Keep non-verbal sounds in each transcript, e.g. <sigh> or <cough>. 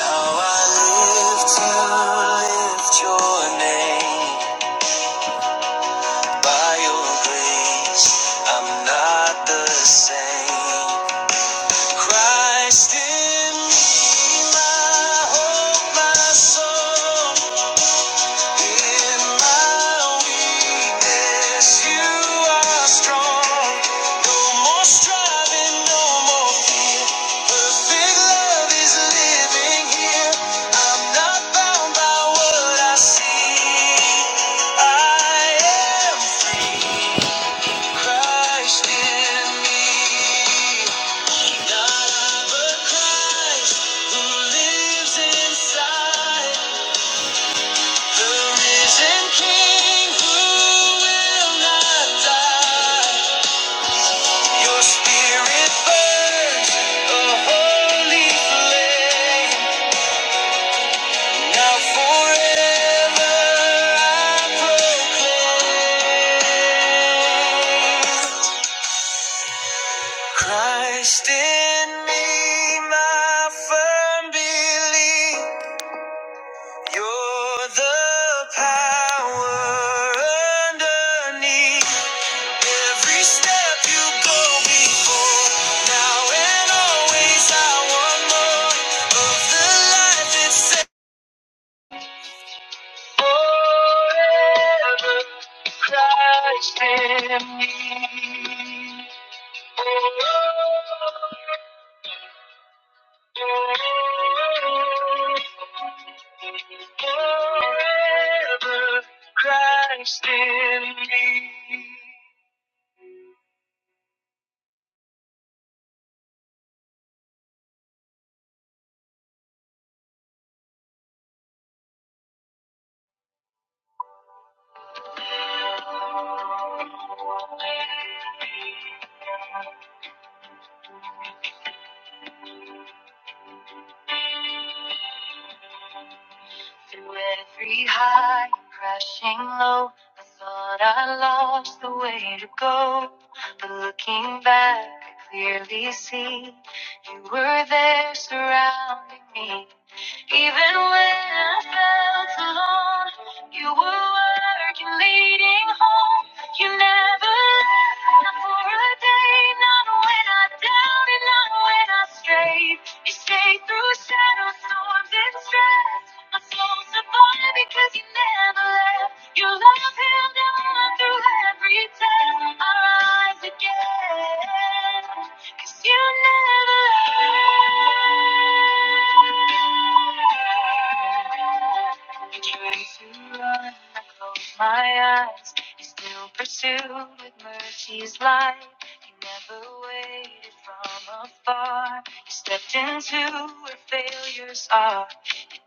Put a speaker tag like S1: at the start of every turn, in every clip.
S1: Now I live to lift your name. By your grace, I'm not the same. Christ in me, my hope, my song. In my weakness, you are strong. No more striving, no more fear. Perfect love is living here. I'm not bound by what I see. I am free. in me. Not I, but Christ who lives inside. The risen King who will not die. Your spirit burns a holy flame. Now forever I proclaim. Christ in me, my firm belief. You're the power underneath. Every step you go before, now and always, I want more of the life that's set. Forever Christ in me. Forever Christ in me. Through every high and crashing low, I thought I lost the way to go. But looking back, I clearly see you were there surrounding me. Even when I felt alone, you were working, leading home. You never left, not for a day, not when I doubted, not when I strayed. You stayed through shadows, storms, and stress. My soul's survived because you never left. Your love held on through every test. I rise again because you never left. I try to run, I close my eyes. You still pursue with mercy's light. You never waited from afar. You stepped into where failures are.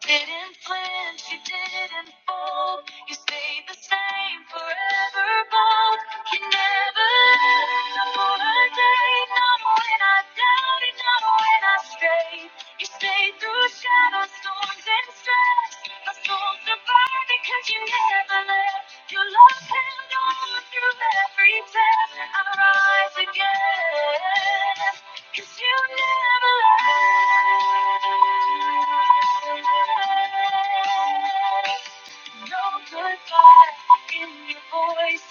S1: You didn't flinch, you didn't fold. You stayed the same forever bold. You never left not for a day. Not when I doubted, not when I strayed. You stayed through shadows, storms, and stress. My soul survived because you never left. Your love held on through every test. I rise again, 'cause you never left. No goodbye in your voice.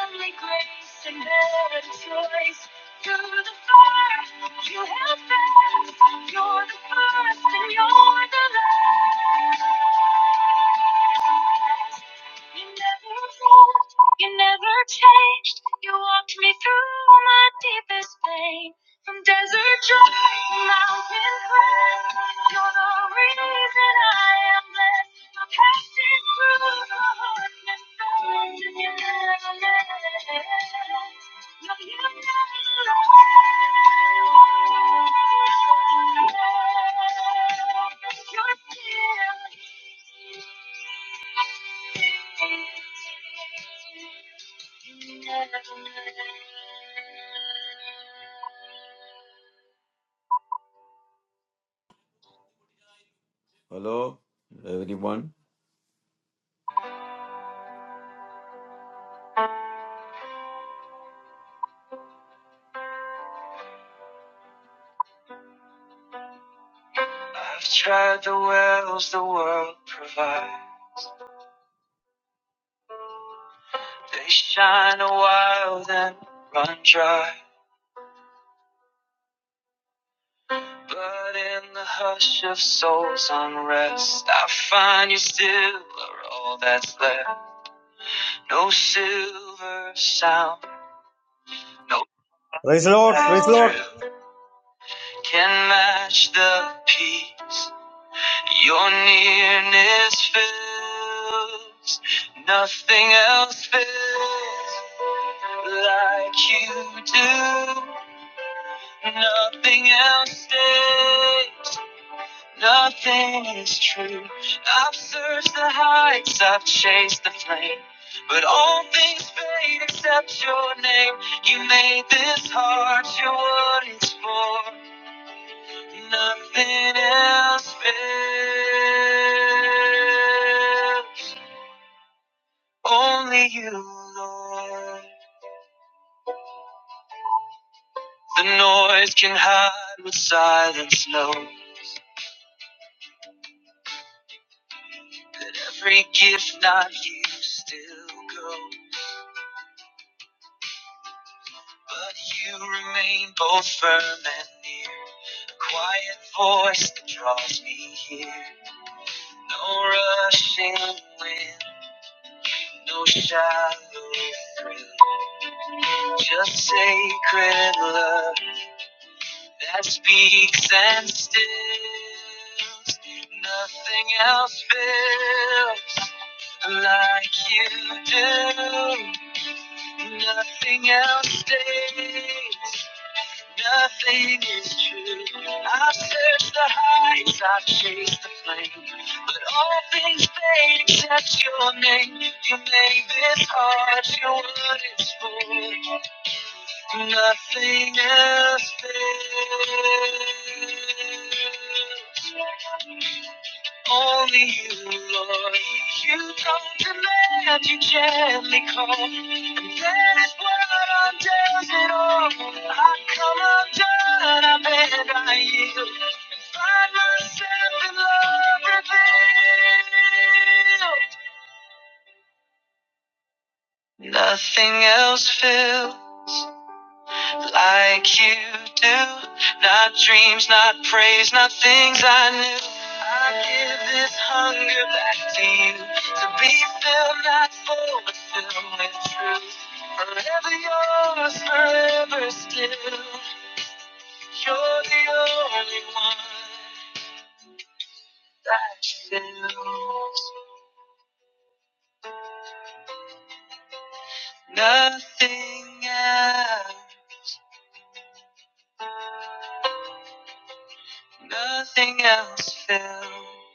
S1: Only grace and better choice. Through the fire, you held fast. You're the first and you're the last. You never left, you never changed. You walked me through my deepest pain. From desert dry to mountain crest, you're the reason I am blessed. I passed it through the hardest times, and you never left. No, you never left. You're still here.
S2: Hello, everyone.
S1: I've tried the wells the world provides. They shine a while then run dry. But in the hush of soul's unrest, I find you still are all that's left. No silver sound, no
S3: Praise the Lord, praise the
S1: way
S3: Lord.
S1: through can match the peace. Your nearness fills, nothing else fills like you do. Nothing else stays, nothing is true. I've searched the heights, I've chased the flame, but all things fade except your name. You made this heart your what it's for. Nothing else matters. Only you, Lord. The noise can hide what silence knows. Every gift not used still grows. But you remain both firm and near. A Quiet voice that draws me here. No rushing wind, no shallow thrill. Just sacred love. that speaks and stills. Nothing else feels like you do. Nothing else stays. Nothing is true. I've searched the heights, I've chased the flame, but all things fade except your name. You made this heart your what it's for. Nothing else fails. Only you, Lord. You come to land, you gently call. And that is what undoes it all. I come undone, I bend, I yield. And find myself in love revealed. Nothing else fails. like you do. Not dreams, not praise, not things I knew. I give this hunger back to you to be filled, not full, but filled with truth. Forever yours, forever still. You're the only one that fills. Nothing else, nothing else fills.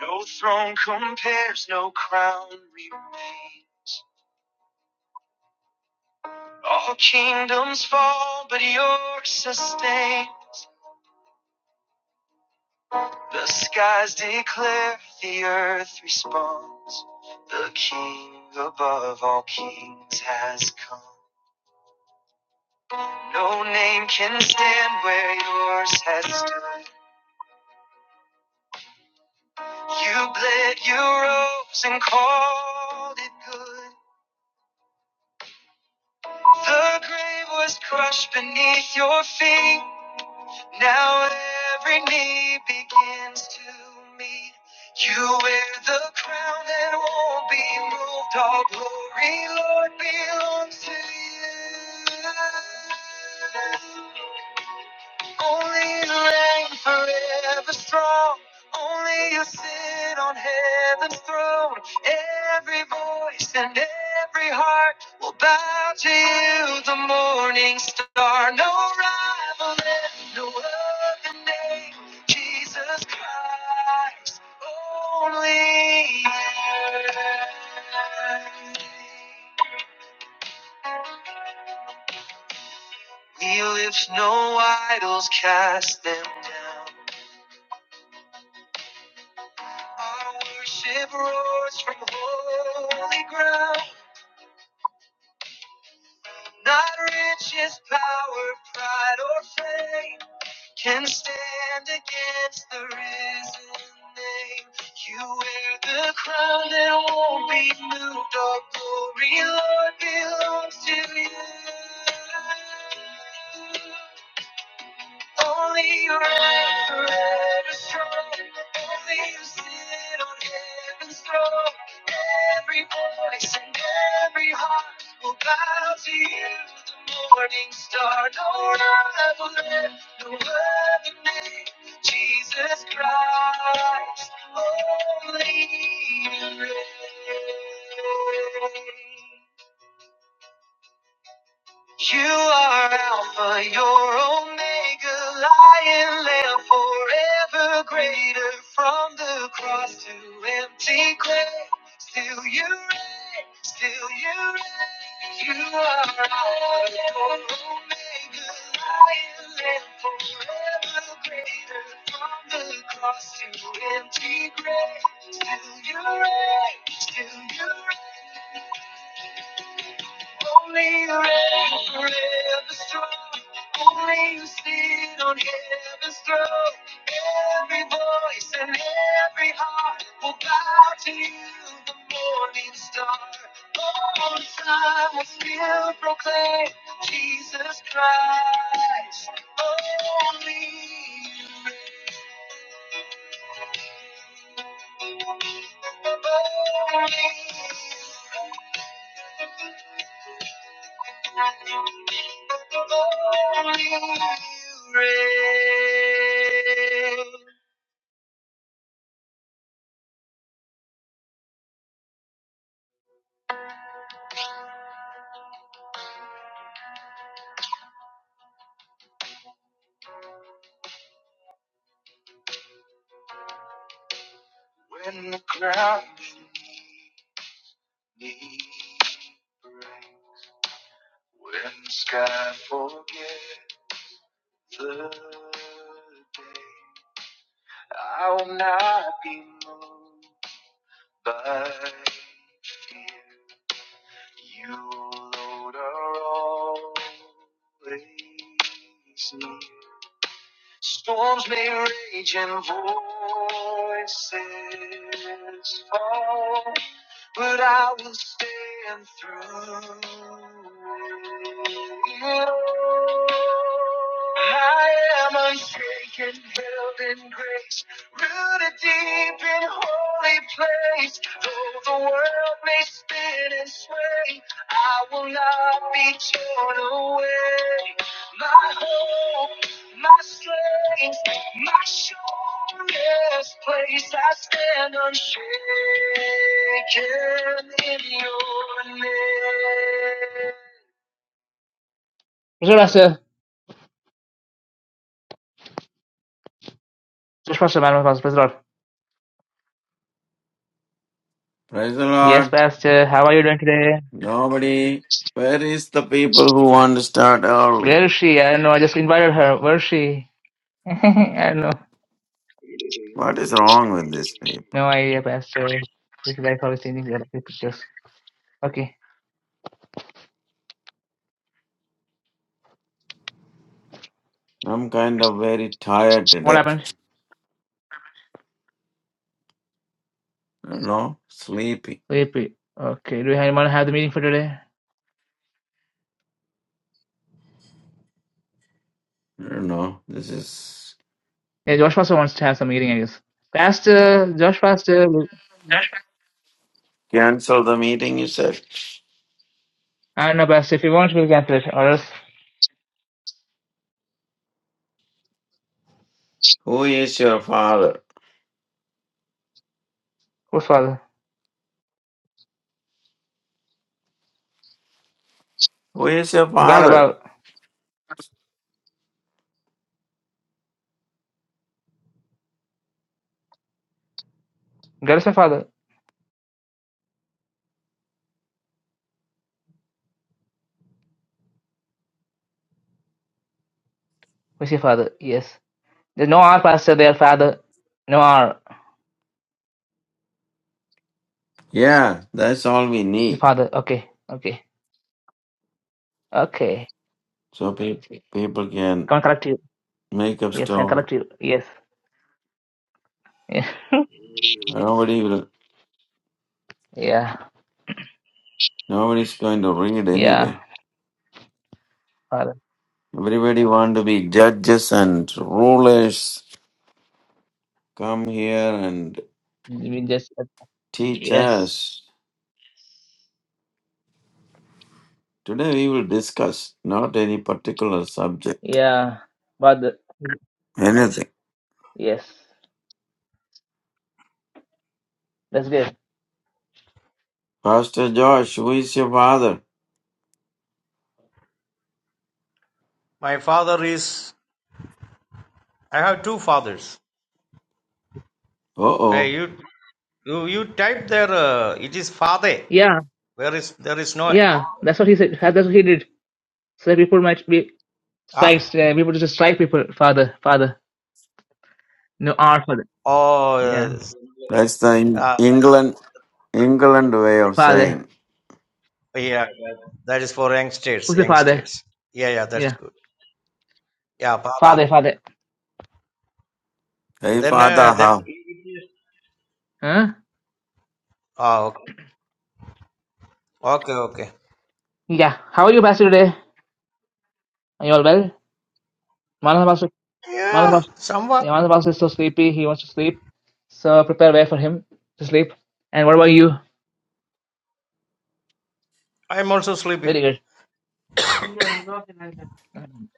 S1: No throne compares, no crown remains. All kingdoms fall, but yours sustain. The skies declare, the earth responds. The King above all kings has come. No name can stand where yours has stood. You bled, you rose, and called it good. The grave was crushed beneath your feet. Now every knee begins to meet. You wear the crown that won't be moved. All glory, Lord, belongs to you. Only you reign forever strong. Only you sit on heaven's throne. Every voice and every heart will bow to you, the morning star. No rival, and no other name. Jesus Christ, only you. We lift no idols, cast them down. Our worship roars from holy ground. Not riches, power, pride, or fame can stand against the risen name. You wear the crown that won't be moved. All glory, Lord, belongs to you. Only you reign forever strong. Only you sit on heaven's throne. Every voice and every heart will bow to you. The morning star, no rival, there, no other name. Jesus Christ, only you reign. You are Alpha, your Omega, Lion Lamb, forever greater. From the cross to empty grave, still you reign, still you reign. You are Alpha, your Omega, Lion Lamb, forever greater. From the cross to empty grave, still you reign, still you reign. Only the reign forever strong. Only you sit on heaven's throne. Every voice and every heart will bow to you, the morning star. All time will still proclaim Jesus Christ. Only you, only you, only you reign. When the ground beneath me breaks, when the sky forgets the day, I will not be moved by fear. You, Lord, are always near. Storms may rage and voices fall, but I will stand through it all. I am unshaken, held in grace, rooted deep in holy place. Though the world may spin and sway, I will not be torn away. My hope my strength, my surest place, I stand unshaken in your name. Mr. Pastor, Mr. Pastor, Madam Pastor, Pastor.
S2: Praise the
S1: Yes,
S2: Lord.
S1: Pastor, how are you doing today?
S2: Nobody. Where is the people who want to start early?
S1: Where is she? I don't know, I just invited her. Where is she? <laughs> I don't know.
S2: What is wrong with these people?
S1: No idea, Pastor. This guy is always changing the pictures. Okay,
S2: I'm kind of very tired
S1: what
S2: today.
S1: happened?
S2: I don't know. Sleepy.
S1: Sleepy. Okay, do we have anyone have the meeting for today?
S2: I don't know. This is.
S1: Yeah, Josh Pastor wants to have some meeting, I guess. Pastor, Josh Pastor, will-
S2: Cancel the meeting, you said.
S1: I don't know, Pastor. If you want, we'll cancel it. Or else,
S2: Who is your father?
S1: whose father?
S2: Who is your
S1: God
S2: father?
S1: above. God is my father. Who's your father? Yes. There's no R, Pastor. Their father. No R.
S2: Yeah, that's all we
S1: His
S2: need.
S1: father. Okay. Okay. Okay.
S2: So people, people can
S1: Can correct you.
S2: make up
S1: Yes. Can
S2: story.
S1: correct you. Yes. <laughs> Yeah.
S2: Nobody will.
S1: Yeah.
S2: Nobody's going to read anyway.
S1: Yeah. Father.
S2: Everybody want to be judges and rulers. Come here and
S1: You mean just
S2: teach
S1: yes.
S2: us. Today we will discuss not any particular subject,
S1: Yeah. Father.
S2: anything.
S1: Yes. That's good.
S2: Pastor Josh, who is your father?
S3: My father is. I have two fathers.
S2: Uh
S3: Hey,
S2: oh.
S3: you you you type there. Uh, it is father.
S1: Yeah.
S3: There is there is no
S1: Yeah. That's what he said. That's what he did. So that people might be
S3: ah.
S1: Strikes, uh, people just strike people. Father, father. No, our father.
S3: Oh,
S1: Yeah.
S3: uh,
S2: That's the Eng-
S3: uh, that,
S2: England England way of
S1: Father.
S2: saying,
S3: yeah. That, that is for youngsters.
S1: Who's the father?
S3: Youngsters. Yeah, yeah. That's
S1: Yeah.
S3: good. Yeah, father.
S1: Father, father.
S2: Hey
S3: Then uh,
S2: father,
S3: then.
S2: how?
S3: It is,
S1: Huh?
S3: ah, okay. Okay, okay.
S1: Yeah. How are you, Pastor, today? Are you all well? Manana Pastor, Manana
S3: Yeah,
S1: Pastor,
S3: somewhat.
S1: yeah, Manana Pastor is so sleepy. He wants to sleep. So prepare way for him to sleep. And what about you?
S3: I am also sleepy.
S1: Very good.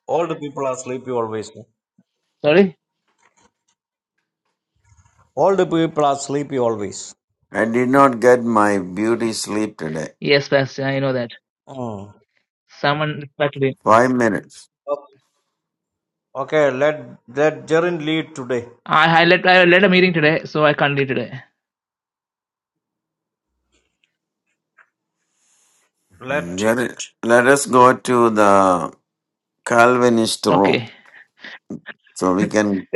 S3: All the people are sleepy always.
S1: Sorry?
S3: All the people are sleepy always.
S2: I did not get my beauty sleep today.
S1: Yes, Pastor. I know that.
S3: Mm.
S1: Someone distracted him.
S2: Five minutes.
S3: Okay. Okay, let let Jerin lead today.
S1: I, I, led, I led a meeting today, so I can't lead today.
S2: Mm,
S3: Let.
S2: get it. Let us go to the Calvinist room
S1: Okay.
S2: so we can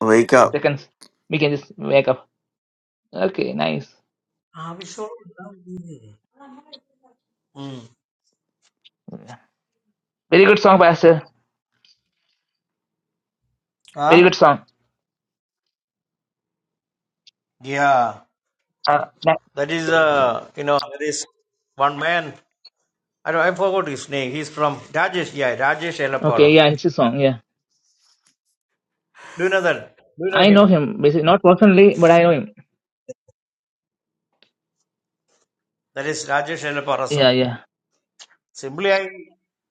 S2: wake up.
S1: Seconds. We can just wake up. Okay, nice.
S3: Mm.
S1: Yeah. Very good song, Pastor. Very
S3: Huh?
S1: good song.
S3: Yeah.
S1: Uh, na-
S3: That is uh you know there is one man. I don't, I forgot his name. He's from Rajesh. Yeah, Rajesh Elapara.
S1: okay, yeah, it's his song. Yeah,
S3: Do you know that? Do you know
S1: I know
S3: him?
S1: him. Basically, not personally, but I know him.
S3: That is Rajesh Elapara song.
S1: Yeah, yeah.
S3: Simply I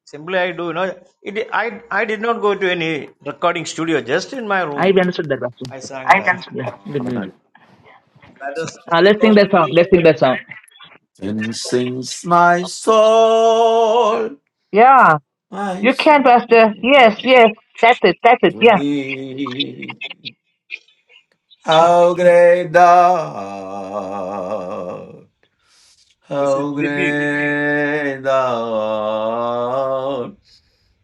S3: simply I do you know it. I I did not go to any recording studio. Just in my
S1: I
S3: room
S1: understood that, Pastor.
S3: I sang
S2: I can
S3: that.
S2: do
S1: Yeah, good, good.
S2: that.
S3: That is
S1: Uh, let's
S3: so
S1: sing that
S3: many
S1: song. Let's sing
S3: limitations.
S1: that
S3: You
S1: song.
S3: know.
S2: And sings my soul,
S1: Yeah,
S2: my
S1: you can,
S2: soul
S1: Pastor. Yes, yes. That's it. That's it.
S2: to
S1: Yeah.
S2: thee. How great thou,
S3: This is
S2: how
S3: difficult.
S2: great thou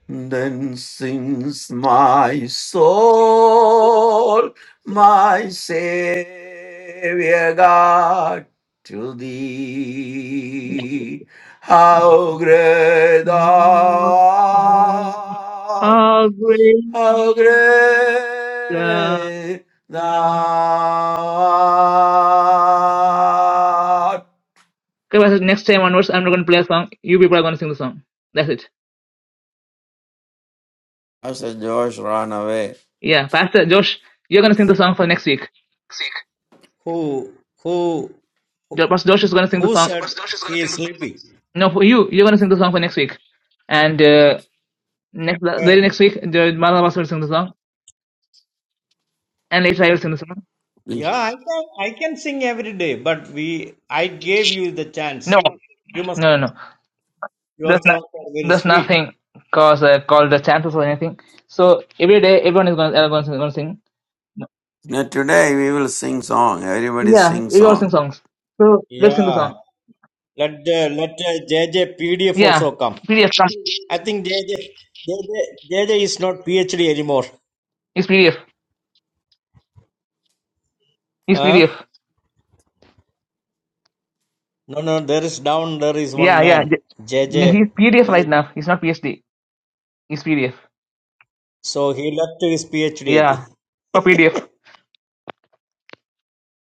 S2: Then sings my soul, my Savior God, to thee. How great thou
S1: Mm,
S2: art,
S1: How great
S2: how
S1: thou-
S2: great thou art.
S1: Okay, Pastor. Next time onwards, I'm not going to play a song. You people are going to sing the song. That's it.
S2: Pastor Josh, ran away.
S1: Yeah, Pastor Josh, you're going to sing the song for next week.
S3: who who who
S1: Jo- Pastor Josh is going to sing the
S3: who
S1: song.
S3: said he is sleeping?
S1: No, for you, you're gonna sing the song for next week, and uh, next
S3: Yeah,
S1: very next week, the Madhav Basu will sing the song, and later I will sing the song.
S3: Yeah, I can I can sing every day, but we I gave you the chance.
S1: No,
S3: You must
S1: no, no,
S3: sing.
S1: no.
S3: Your
S1: There's not,
S3: songs are very
S1: there's
S3: sweet.
S1: nothing cause uh, called the chances or anything. So every day, everyone is gonna, everyone's gonna sing.
S2: Now today we will sing song. Everybody
S1: Yeah,
S2: sing
S1: we all
S2: song.
S1: sing songs. So let's sing the
S3: Yeah.
S1: song.
S3: Let the let the JJ
S1: Yeah,
S3: also come.
S1: PDF. come.
S3: I think J J J J J J is not PhD anymore.
S1: He's PDF. He's
S3: Huh?
S1: PDF.
S3: No, no. There is down. There is one
S1: Yeah, yeah.
S3: man.
S1: J-
S3: JJ.
S1: no, He's PDF right now. He's not PhD. He's PDF.
S3: So he left his PhD. I
S1: Yeah, for
S3: think.
S1: PDF.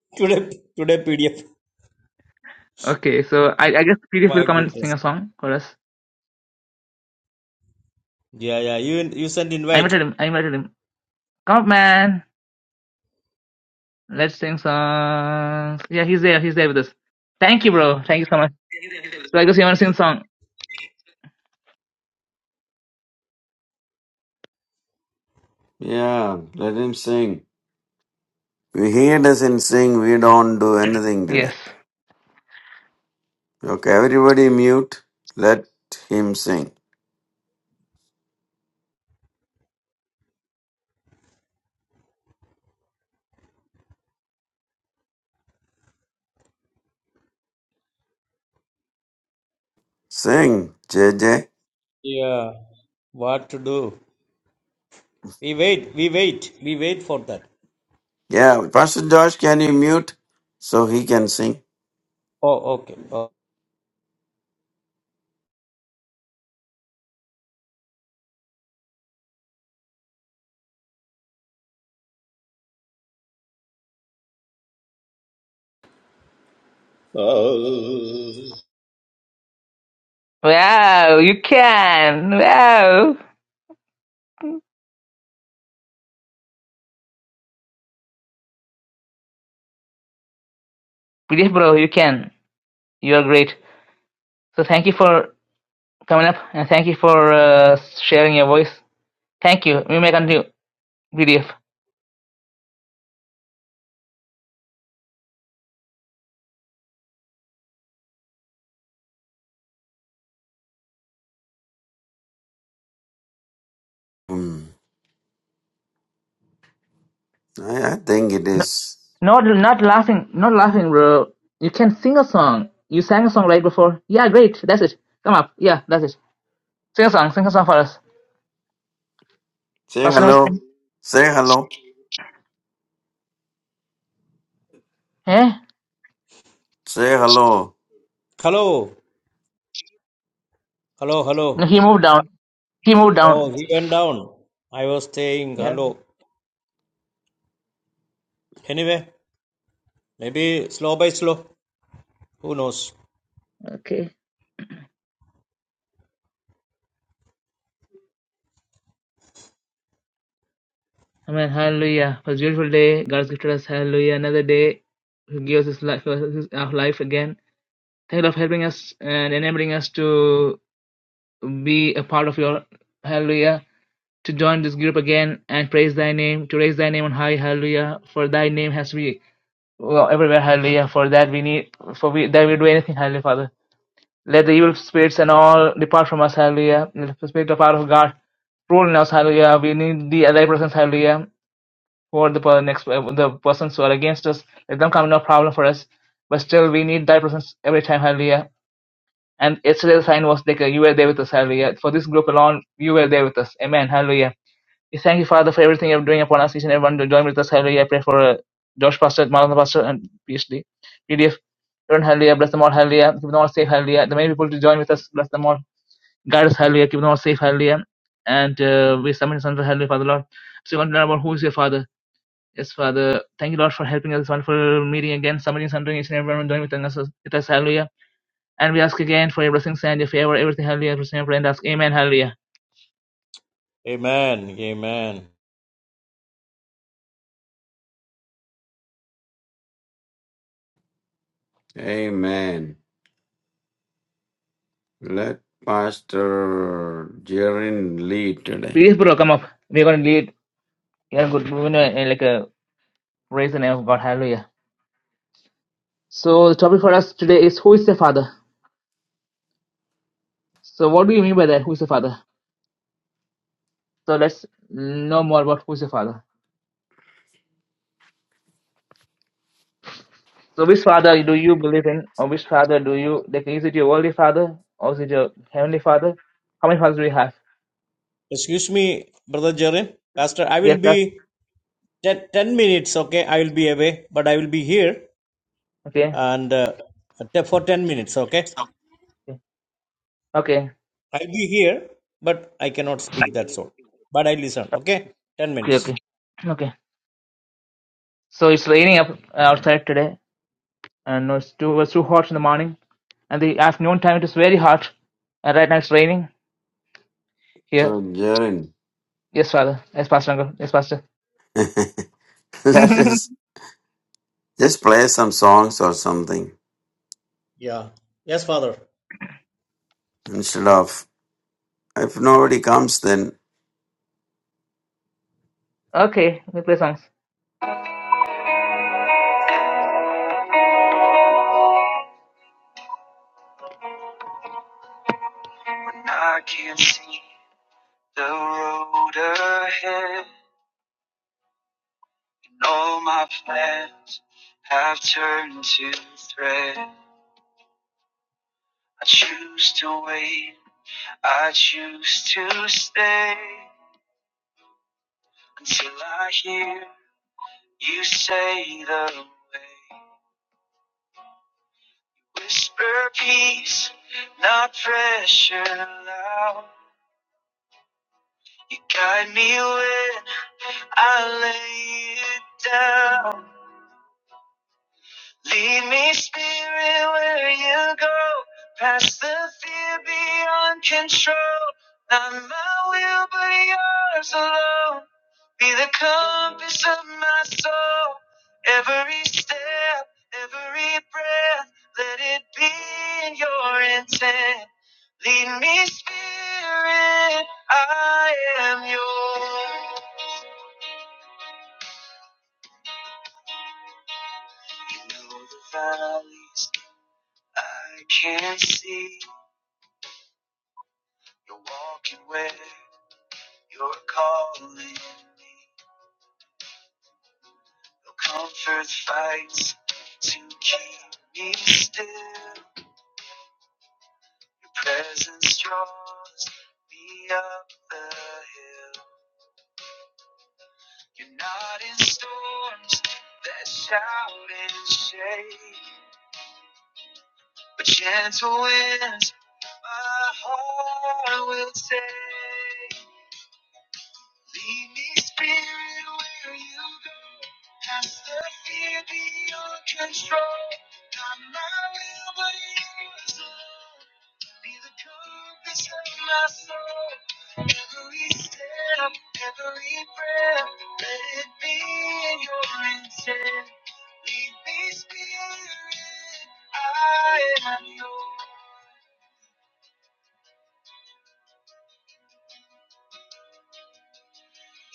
S3: <laughs> today today PDF.
S1: Okay, so I, I guess PDF
S3: My
S1: will come and sing
S3: goodness.
S1: a song for us.
S3: Yeah, yeah. You you send
S1: I
S3: invite.
S1: invited him. I invited him. Come up, man. Let's sing songs. Yeah, he's there. He's there with us. Thank you, bro. Thank you so much. So I guess you want to sing a song.
S2: Yeah, let him sing. If he doesn't sing, we don't do anything today.
S1: Yes.
S2: Okay, everybody mute. Let him sing. Sing, J J.
S3: Yeah. What to do? We wait. We wait. We wait for that.
S2: Yeah, Pastor Josh, can you mute so he can sing?
S3: Oh, okay. Oh.
S4: Oh.
S1: Wow, you can. Wow. PDF bro, you can. You are great. So thank you for coming up and thank you for uh, sharing your voice. Thank you. We may continue. PDF.
S2: Hmm. I, I think it
S1: No,
S2: is.
S1: not not laughing. Not laughing, bro. You can sing a song. You sang a song right before. Yeah, great. That's it. Come up. Yeah, that's it. Sing a song. Sing a song for us.
S2: Say
S1: Pascal
S2: hello.
S1: Missy-
S2: Say hello.
S1: eh?
S2: Say hello.
S3: Hello. Hello. Hello.
S1: No, he moved down. He moved down.
S3: Oh, he went down. I was saying
S1: Yeah.
S3: hello. Anyway, maybe slow by slow. Who knows?
S1: Okay. Amen. Hallelujah. It was a beautiful day. God's gifted us. Hallelujah. Another day. He gives us his life, his, our life again. Thank you Lord, for helping us and enabling us to be a part of your Hallelujah. To join this group again and praise thy name, to raise thy name on high, hallelujah. For thy name has to be well, everywhere, hallelujah. For that we need, for we, that we do anything, hallelujah, Father. Let the evil spirits and all depart from us, hallelujah. Let the spirit of our God rule in us, hallelujah. We need the thy presence, hallelujah. For the per- next uh, the persons who are against us, let them come no problem for us. But still, we need thy presence every time, hallelujah. And yesterday the sign was like uh, you were there with us, hallelujah. For this group alone, you were there with us. Amen, hallelujah. We thank you, Father, for everything you're doing upon us, each and everyone to join with us, hallelujah. I pray for uh, Josh Pastor, Maranatha Pastor, and PhD, PDF. Everyone, hallelujah. Bless them all, hallelujah. Keep them all safe, hallelujah. The many people to join with us, bless them all. Guide us, hallelujah. Keep us all safe, hallelujah. And uh, we submit this unto hallelujah, Father Lord. So, you want to learn about who is your Father. Yes, Father. Thank you, Lord, for helping us. This wonderful meeting again. Submitting this unto each and everyone doing with us, with us, hallelujah. And we ask again for your blessings and your favor, everything, hallelujah. For your prayer and ask, Amen, hallelujah.
S3: Amen. Amen.
S2: Amen. Let Pastor Jerin lead today.
S1: Please, bro, come up. We're going to lead. Yeah, good. We're going to like uh, raise the name of God, hallelujah. So, the topic for us today is who is the Father. So, what do you mean by that? Who is the Father? So, let's know more about who is the Father. So which father do you believe in, or which father do you like? Is it your worldly father, or is it your heavenly father? How many fathers do you have?
S3: Excuse me, Brother Jerry. Pastor, I will
S1: Yes, that
S3: be ten ten minutes, okay? I will be away, but I will be here
S1: okay,
S3: and uh, te- for 10 minutes, okay?
S1: okay, okay,
S3: I'll be here, but I cannot speak. That's all. But I listen. Okay, ten
S1: okay,
S3: minutes.
S1: okay. okay. So it's raining up uh, outside today, and no, it's too it was too hot in the morning, and the afternoon time it is very hot, and right now it's raining here.
S2: So, Jerin,
S1: Yes, father. Yes, pastor uncle. Yes, pastor.
S2: <laughs> let
S1: <laughs>
S2: us just play some songs or something.
S3: Yeah. Yes, Father.
S2: instead of if nobody comes then
S1: okay, we play songs. I can see the road ahead. All my plans have turned to thread. I choose to wait. I choose to stay until I hear you say the way. Whisper peace, not pressure loud. You guide me when I lay it down. Lead me, Spirit, where you go. Past the fear beyond control. Not my will, but yours alone. Be the compass of my soul. Every step, every breath, let it be in your intent. Lead me, Spirit, I am yours. You know the valleys I can't see. You're walking with are calling me. Your comfort fights to keep me still. Your presence draws me up the hill. You're not in storms that shout and shake, but gentle winds my heart will take. Lead me, Spirit, where you go. Past the fear beyond control. Not my will, but yours alone. Be the compass of my soul. Every step, every breath, let it be your intent. Lead me, Spirit, I am yours.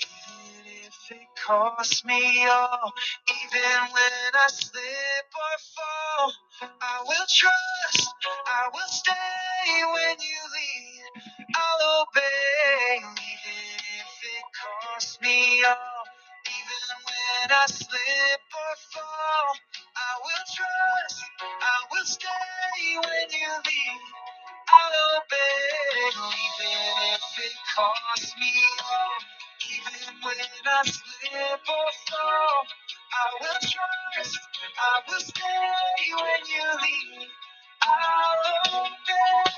S1: Even if it costs me all, even when I slip or fall, I will trust, I will stay when you lead, I'll obey. Even if it costs me all, even when I slip or fall, I will trust, I will stay when you lead. I'll obey, even if it costs me all. Even when I slip or fall, I will trust. I will stay when you lead me. I'll obey.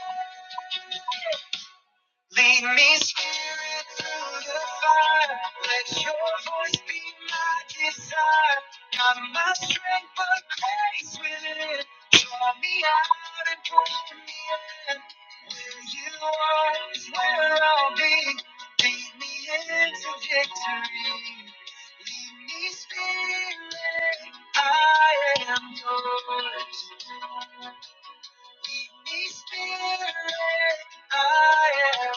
S1: Lead me, Spirit, through the fire. Let your voice be my desire. Not my strength, but grace within. Draw me out and pull me in. Where you are is where I'll be. Lead me into victory. Lead me, Spirit, I am yours. Lead me, Spirit, I am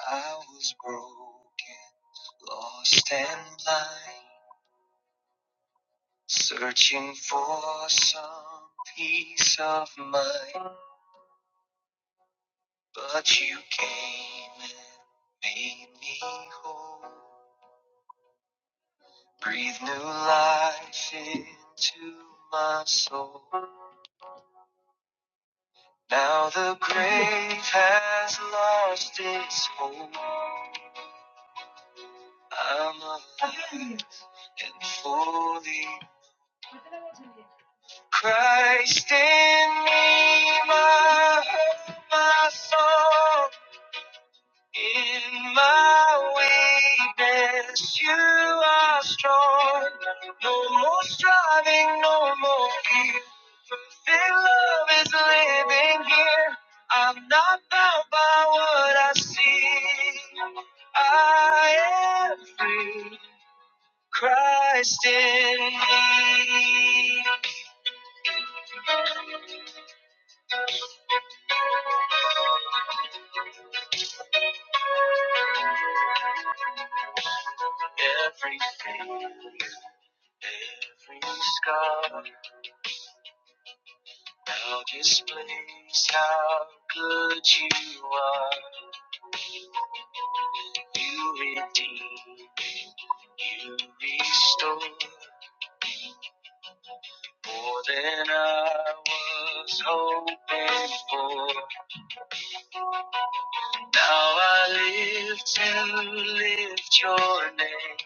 S1: I was broken, lost and blind, searching for some peace of mind. But you came and made me whole. Breathe new life into my soul. Now the grave has lost its hold. I'm alive and fully Christ in me, my hope, my song. In my weakness, you are strong. No more striving, no more fear. Their love is living here. I'm not bound by what I see. I am free. Christ in me. Every face, every scar now displays how good you are. You redeem, you restore more than I was hoping for. Now I live to lift your name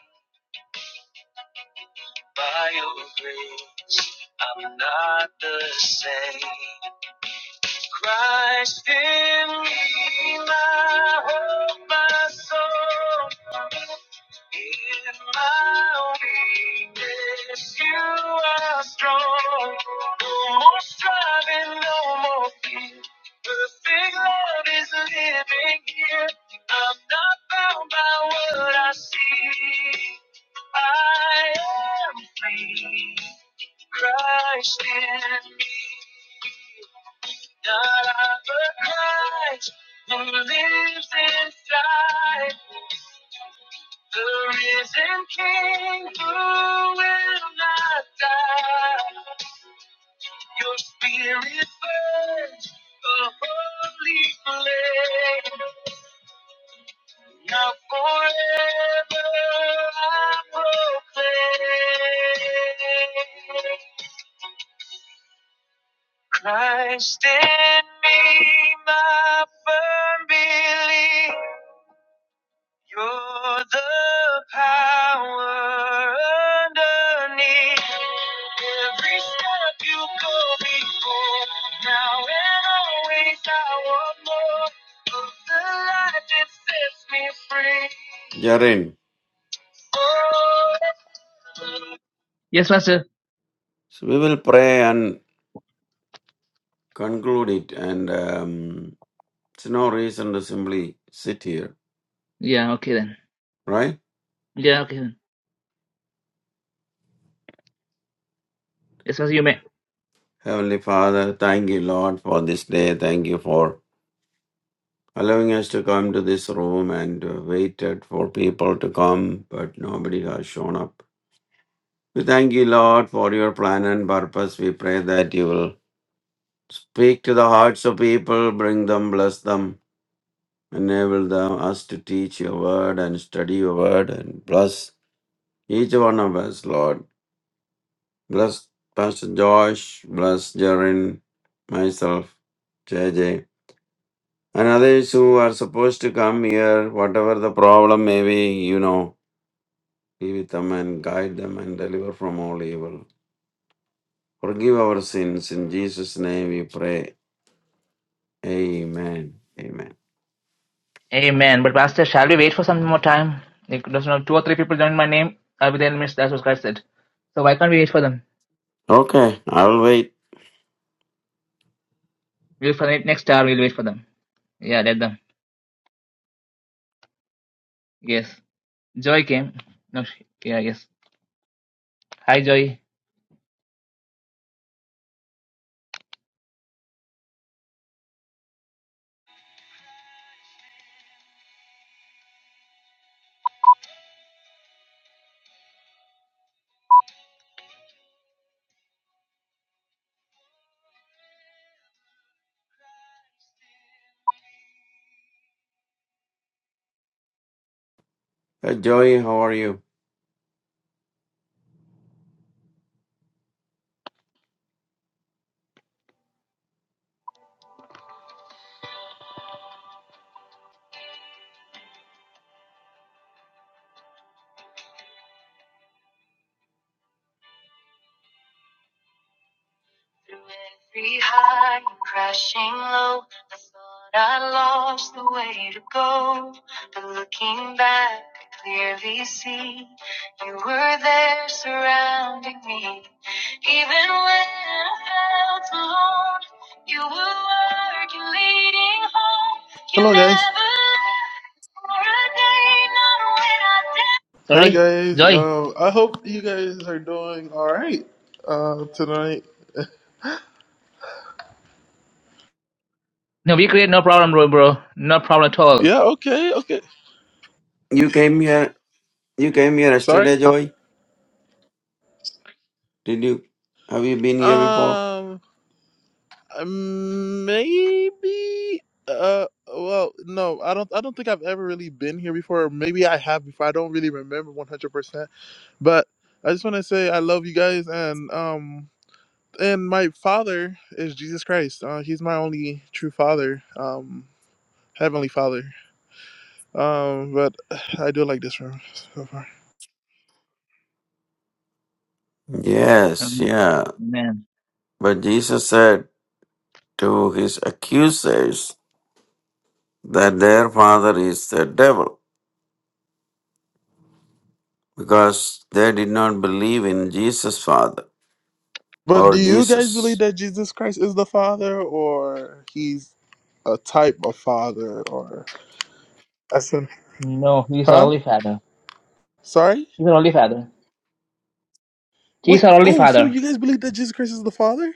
S1: by your grace. I'm not the same. Christ in me, my hope, my soul. In my weakness, you are strong. No more striving, no more fear. Perfect love is living here. I'm not bound by what I see. I am free. Christ in me. God of Christ, who lives inside, the risen King who will not die. Your spirit burns a holy flame. Now forever I proclaim. Christ in me, my firm belief. You're the power underneath every step you go before. Now and always, I want more of the light that sets me free.
S2: you're in
S1: Oh, yes, Master.
S2: so we will pray and conclude it and um, it's no reason to simply sit here
S1: Yeah, okay then.
S2: right
S1: Yeah, okay then. Yes, Master, you may.
S2: heavenly father thank you lord for this day thank you for allowing us to come to this room and uh, waited for people to come but nobody has shown up we thank you lord for your plan and purpose we pray that you will speak to the hearts of people bring them bless them Enable them us to teach your word and study your word and bless each one of us, Lord. Bless Pastor Josh, bless Jaren, myself, J J. and others who are supposed to come here, whatever the problem may be, you know, be with them and guide them and deliver from all evil. Forgive our sins. In Jesus' name we pray. Amen. Amen.
S1: Amen. But Master, shall we wait for some more time? Like, there's not two or three people join my name. I'll be there in minutes. That's what Christ said. So why can't we wait for them?
S2: Okay, I'll wait.
S1: We'll for the next hour. We'll wait for them. Yeah, let them. Yes. Joy came. No, sh- yeah, yes. Hi, Joy.
S2: Uh, Joy, how are you?
S1: Through every high and crashing low, I thought I lost the way to go. But looking back, I clearly see you were there surrounding me. Even when I felt alone, you were working, leading home. You
S5: Hello, guys.
S1: never left for a day, not when I
S5: Hi,
S1: Sorry,
S5: guys.
S1: Joy.
S5: Um, I hope you guys are doing all right uh, tonight.
S1: No, we create no problem, bro, bro. No problem at all.
S5: Yeah. Okay. Okay.
S2: You came here. You came here
S5: Sorry.
S2: yesterday, Joy. Did you have you been here before?
S5: Um. Maybe. Uh. Well, no. I don't. I don't think I've ever really been here before. Or Maybe I have before. I don't really remember one hundred percent. But I just want to say I love you guys, and um, and my father is Jesus Christ. Uh, he's my only true father. Um, heavenly father. Um, but <sighs> I do like this room so far.
S2: Yes,
S1: Amen.
S2: yeah.
S1: Amen.
S2: But Jesus said to his accusers that their father is the devil because they did not believe in Jesus' father
S5: But do
S2: or
S5: you guys believe
S2: Jesus.
S5: that Jesus Christ is the Father, or he's a type of Father, or as in,
S1: No, he's our
S5: huh?
S1: only father.
S5: Sorry.
S1: He's our only father.
S5: Wait.
S1: He's our only
S5: Oh, so
S1: father.
S5: you guys believe that Jesus Christ is the Father?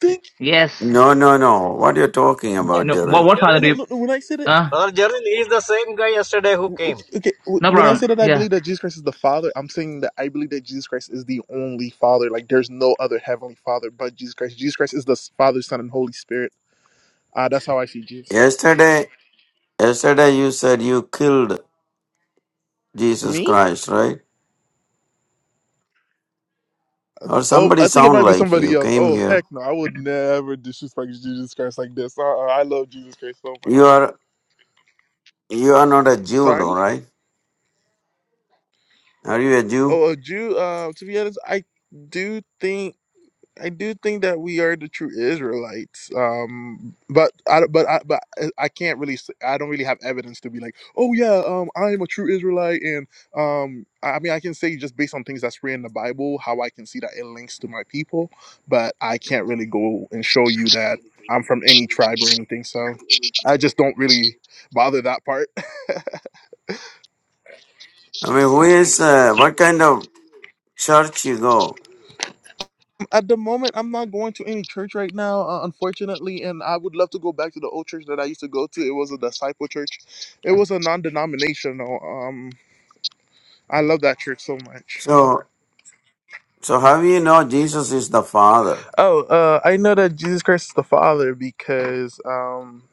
S5: Think.
S1: Yes.
S2: No, no, no. What are you talking about,
S1: No, what,
S2: Jaren?
S1: what father
S3: Jarin?
S1: do
S5: No,
S1: you?
S5: no, no. When I say that,
S1: Uh,
S3: Brother Jarin is the same guy yesterday who
S5: w-
S3: came.
S5: okay. w-
S1: no
S5: When I
S1: problem.
S5: say that I
S1: Yeah.
S5: believe that Jesus Christ is the Father, I'm saying that I believe that Jesus Christ is the only Father. Like, there's no other heavenly Father but Jesus Christ. Jesus Christ is the Father, Son, and Holy Spirit. Uh, that's how I see Jesus.
S2: Yesterday, yesterday you said you killed Jesus
S5: Me?
S2: Christ, right? Or
S5: Oh,
S2: somebody
S5: I think it
S2: sound
S5: might be
S2: like
S5: somebody
S2: you
S5: else.
S2: came
S5: Oh,
S2: here.
S5: heck no. I would never disrespect Jesus Christ like this. Uh-uh, I love Jesus Christ so
S2: You
S5: much.
S2: are you are not a Jew though,
S5: Sorry?
S2: right? Are you a Jew?
S5: Oh, a Jew, uh, to be honest, I do think. I do think that we are the true Israelites. Um, but I but I but I can't really s- I don't really have evidence to be like, oh yeah, um, I'm a true Israelite, and um, I I mean I can say just based on things that's written in the Bible how I can see that it links to my people, but I can't really go and show you that I'm from any tribe or anything. So I just don't really bother that part.
S2: I mean, who is, uh, what kind of church you go.
S5: at the moment i'm not going to any church right now uh, unfortunately and i would love to go back to the old church that i used to go to it was a disciple church it was a non-denominational um i love that church so much
S2: So, so how you know Jesus is the Father?
S5: oh uh i know that jesus christ is the father because um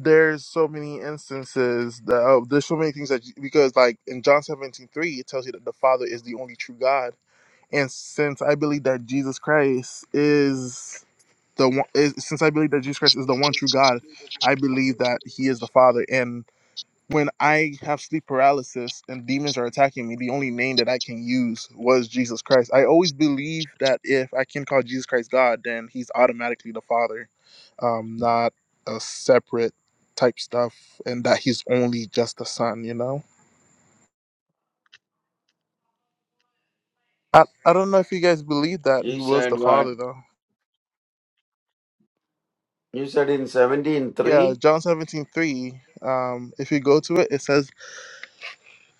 S5: there's so many instances that oh, there's so many things that because like in john 17 3, it tells you that the father is the only true god and since i believe that jesus christ is the one is, since I believe that Jesus Christ is the one true God, I believe that He is the Father. And when I have sleep paralysis and demons are attacking me, the only name that I can use was Jesus Christ. I always believe that if I can call Jesus Christ God, then He's automatically the Father, um, not a separate type stuff, and that He's only just the Son. You know, I I don't know if you guys believe that He
S2: You
S5: was the
S2: said what?
S5: Father though.
S2: You said in
S5: Yeah,
S2: 17.3?
S5: John seventeen three. Um, if you go to it, it says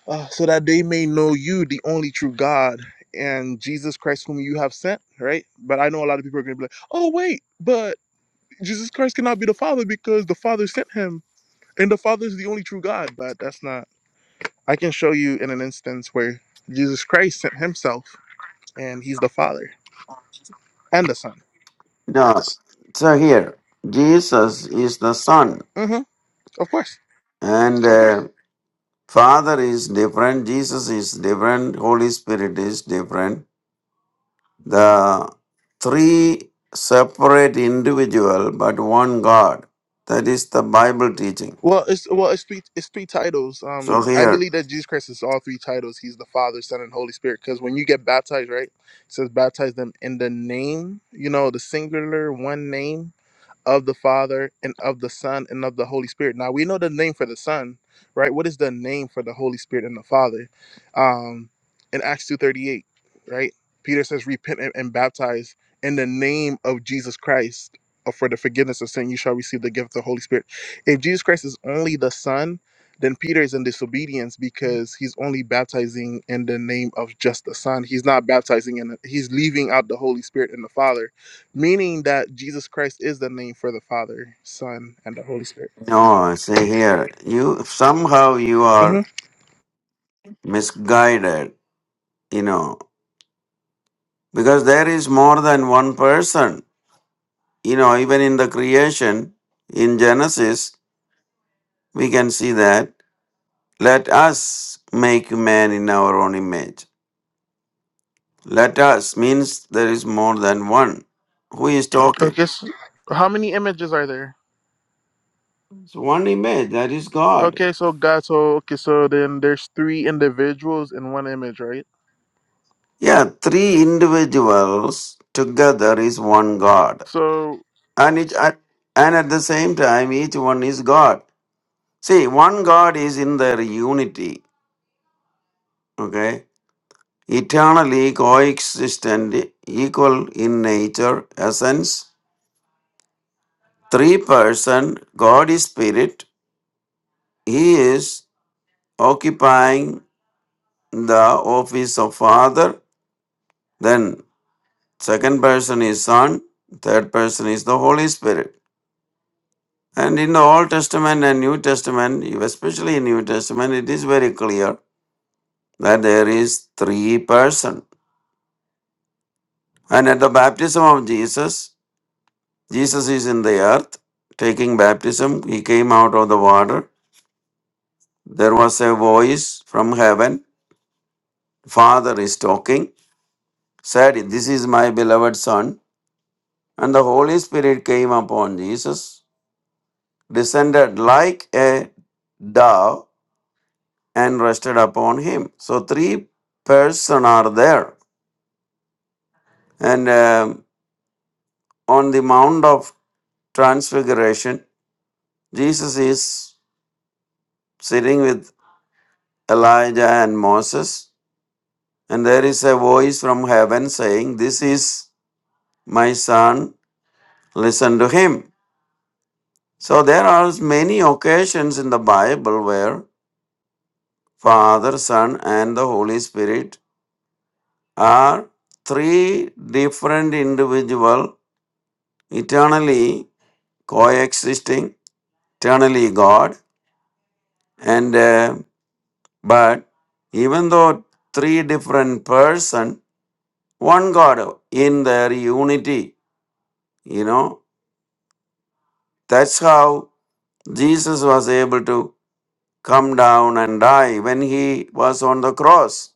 S5: uh, so that they may know you, the only true God, and Jesus Christ, whom you have sent, right? But I know a lot of people are going to be like, oh, wait, but Jesus Christ cannot be the Father because the Father sent him, and the Father is the only true God. But that's not, I can show you in an instance where Jesus Christ sent himself, and he's the Father and the Son.
S2: No. So here, Jesus is the Son,
S5: hmm Of course.
S2: and uh, Father is different. Jesus is different. Holy Spirit is different. The three separate individual, but one God. That is the Bible teaching.
S5: Well, it's well, it's three, it's three titles.
S2: So
S5: Um, I
S2: here,
S5: believe that Jesus Christ is all three titles. He's the Father, Son, and Holy Spirit. Because when you get baptized, right, it says baptize them in the name. You know, the singular one name of the Father and of the Son and of the Holy Spirit. Now we know the name for the Son, right? What is the name for the Holy Spirit and the Father? Um, in Acts two thirty eight, right? Peter says, "Repent and, and baptize in the name of Jesus Christ." uh, For the forgiveness of sin, you shall receive the gift of the Holy Spirit. If Jesus Christ is only the Son, then Peter is in disobedience because he's only baptizing in the name of just the Son. He's not baptizing in. The, he's leaving out the Holy Spirit and the Father meaning that Jesus Christ is the name for the Father, Son, and the Holy Spirit.
S2: no, say here, you somehow you are.
S5: hmm
S2: misguided, you know, because there is more than one person. You know, even in the creation, in Genesis, we can see that let us make man in our own image. Let us means there is more than one. Who is talking?
S5: Okay, so how many images are there?
S2: It's one image, that is God.
S5: Okay, so God, so okay, so then there's three individuals in one image, right?
S2: Yeah, three individuals together is one God.
S5: So,
S2: And, it, and at the same time, each one is God. See, one God is in their unity Okay. Eternally coexistent, equal in nature, essence, three person, God is spirit. He is occupying the office of Father. Then second person is Son. Third person is the Holy Spirit. And in the Old Testament and New Testament, especially in New Testament, it is very clear that there is three person. And at the baptism of Jesus, Jesus is in the earth taking baptism. He came out of the water. There was a voice from heaven. Father is talking, said, This is my beloved Son. And the Holy Spirit came upon Jesus, descended like a dove, and rested upon him. So, three persons are there. And um, on the Mount of Transfiguration, Jesus is sitting with Elijah and Moses And there is a voice from heaven saying, This is my son, listen to him. So there are many occasions in the Bible where Father, Son, and the Holy Spirit are three different individual eternally coexisting, eternally God. And uh, but even though three different person, one God in their unity, you know, that's how Jesus was able to come down and die when he was on the cross.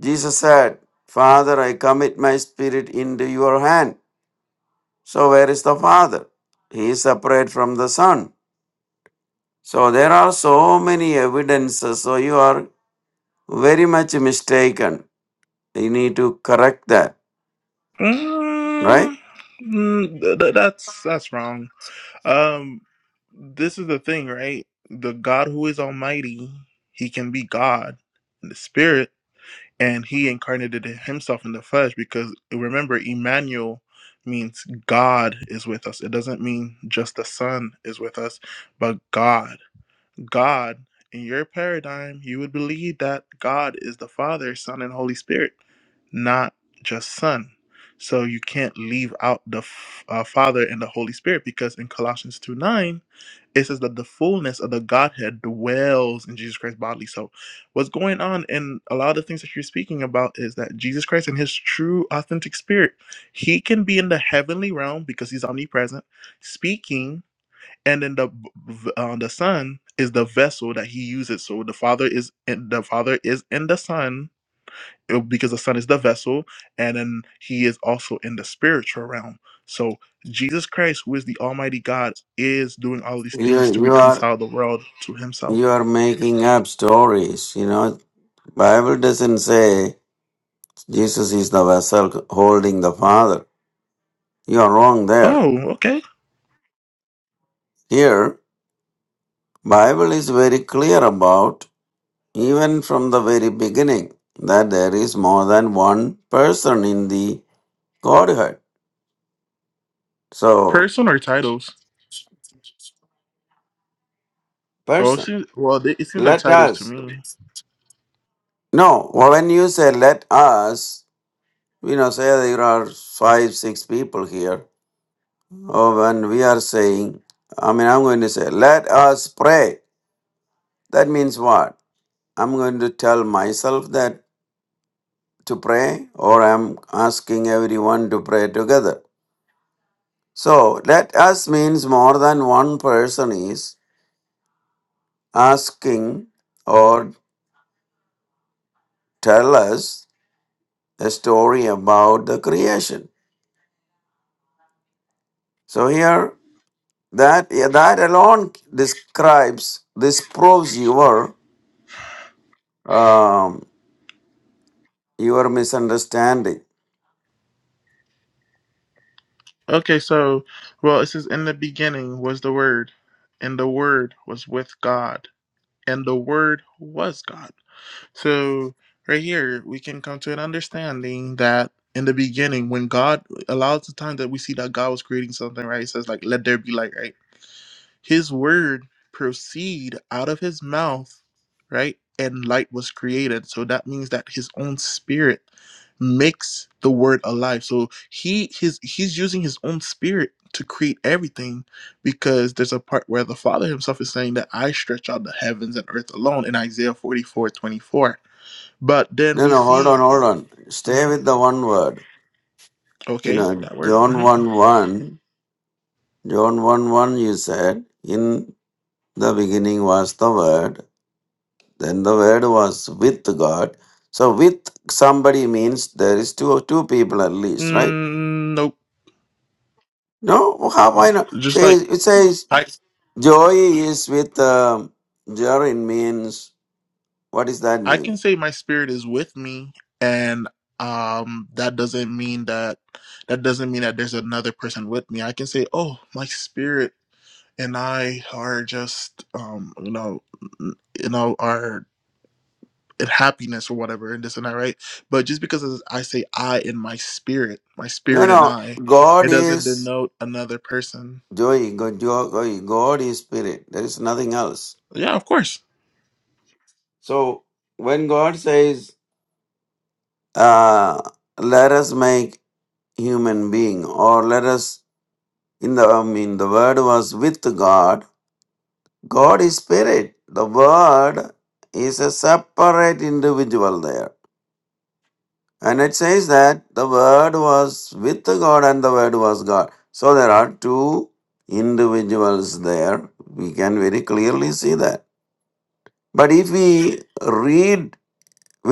S2: Jesus said, Father, I commit my spirit into your hand. So, where is the Father? He is separate from the Son. So, there are so many evidences. So, you are very much mistaken. You need to correct that, right?
S5: Mm, mm, th- th- that's that's wrong. Um, this is the thing, right? The God who is Almighty, He can be God in the Spirit, and he incarnated it himself in the flesh because remember Emmanuel means God is with us. It doesn't mean just the Son is with us, but God. God, in your paradigm, you would believe that God is the Father, Son, and Holy Spirit, not just Son. So you can't leave out the F- uh, Father and the Holy Spirit because in Colossians 2 9, it says that the fullness of the Godhead dwells in Jesus Christ bodily. So what's going on in a lot of the things that you're speaking about is that Jesus Christ in his true, authentic spirit, he can be in the heavenly realm because he's omnipresent, speaking and then the uh, the son is the vessel that he uses so the father is in the father is in the son uh, because the son is the vessel and then he is also in the spiritual realm so jesus christ who is the almighty god is doing all these things
S2: You,
S5: to
S2: you are
S5: reconcile the world to
S2: you
S5: himself
S2: are making up stories you know bible doesn't say jesus is the vessel holding the father You are wrong there.
S5: oh okay
S2: Here, Bible is very clear about, even from the very beginning, that there is more than one person in the Godhead. So,
S5: person or titles oh it
S2: person.
S5: seems, well they, it seems like
S2: Let
S5: titles to
S2: us.
S5: me
S2: No, well, when you say let us, we know, say there are five, six people here. Or when we are saying, I mean, I'm going to say, let us pray. That means what? I'm going to tell myself that to pray or I'm asking everyone to pray together. So let us means more than one person is asking or tell us a story about the creation. So here that yeah, that alone describes this proves your um, your misunderstanding.
S5: okay so well it says in the beginning was the word and the word was with god and the Word was God. So, right here, we can come to an understanding that in the beginning, when God allows the time that we see that God was creating something, right? It says, like, let there be light, right? his word proceed out of his mouth, right? And light was created. So that means that his own spirit makes the word alive. So he his he's using his own spirit to create everything because there's a part where the Father himself is saying that I stretch out the heavens and earth alone in Isaiah 44:24. But then
S2: No
S5: we
S2: no hold
S5: see
S2: on hold on stay
S5: Mhm.
S2: with the one word. You
S5: okay,
S2: know
S5: that word.
S2: John
S5: hmm
S2: one one John one one you said in the beginning was the word then the word was with god so with somebody means there is two two people at least right
S5: Mm, nope.
S2: no how why not
S5: Just
S2: says
S5: like
S2: it says
S5: I.
S2: joy is with um, jorin means what does that
S5: I
S2: mean
S5: can say my spirit is with me and um that doesn't mean that that doesn't mean that there's another person with me. I can say, "Oh, my spirit and I are just um you know you know are in happiness or whatever and this and that, right? But just because I say I in my spirit, my
S2: no
S5: spirit
S2: no
S5: and I, it
S2: god
S5: doesn't
S2: is
S5: denote another person.
S2: joy god joy god is spirit there is nothing else
S5: Yeah, of course.
S2: so when god says uh let us make human being or let us in the i mean the word was with god god is spirit the word is a separate individual there and it says that the word was with god and the word was god so there are two individuals there we can very clearly see that but if we read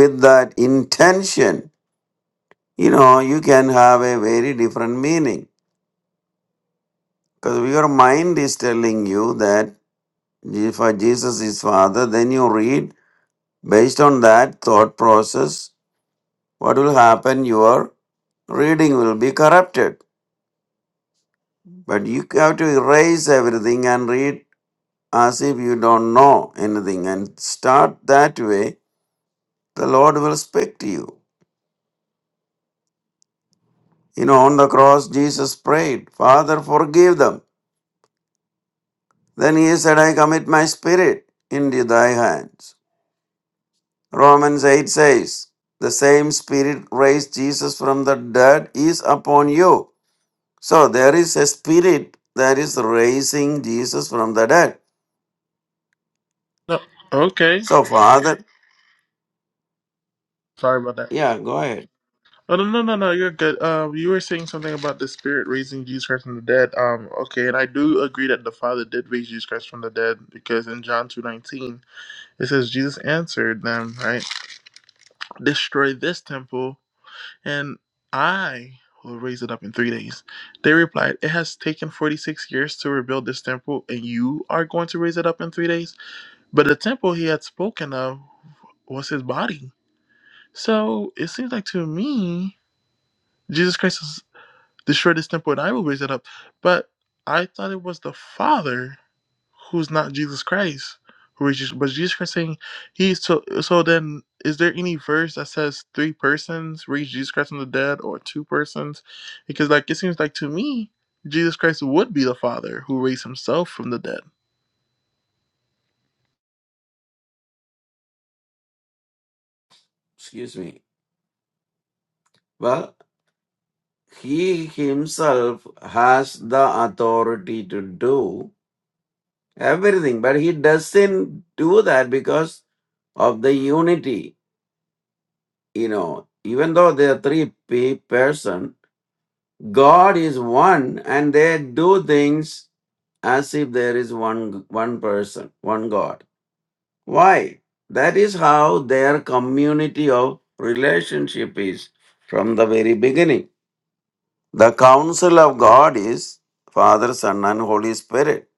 S2: with that intention you know you can have a very different meaning because your mind is telling you that if uh, jesus is father then you read Based on that thought process, what will happen? Your reading will be corrupted. But you have to erase everything and read as if you don't know anything and start that way. The Lord will speak to you. You know, on the cross, Jesus prayed, Father, forgive them. Then he said, I commit my spirit into thy hands. Romans 8 says, The same spirit raised Jesus from the dead is upon you So there is a spirit that is raising Jesus from the dead.
S5: No. Okay.
S2: So Father,
S5: Sorry about that.
S2: yeah, go ahead.
S5: Oh, no, no, no, no. You're good. Um, you were saying something about the Spirit raising Jesus Christ from the dead. Um, okay, and I do agree that the Father did raise Jesus Christ from the dead because in John two nineteen it says Jesus answered them, right? Destroy this temple, and I will raise it up in three days. They replied, It has taken forty six years to rebuild this temple, and you are going to raise it up in three days. But the temple he had spoken of was his body. So it seems like to me Jesus Christ. the shortest temple, and I will raise it up. But I thought it was the Father who's not Jesus Christ who raises, but Jesus Christ saying he's so. So then, is there any verse that says three persons raised Jesus Christ from the dead or two persons? Because like it seems like to me, Jesus Christ would be the Father who raised himself from the dead.
S2: Excuse me. Well, he himself has the authority to do everything, but he doesn't do that because of the unity. You know, even though they are three pe- person, God is one, and they do things as if there is one one person, one God. Why? That is how their community of relationship is from the very beginning. The counsel of God is Father, Son, and Holy Spirit.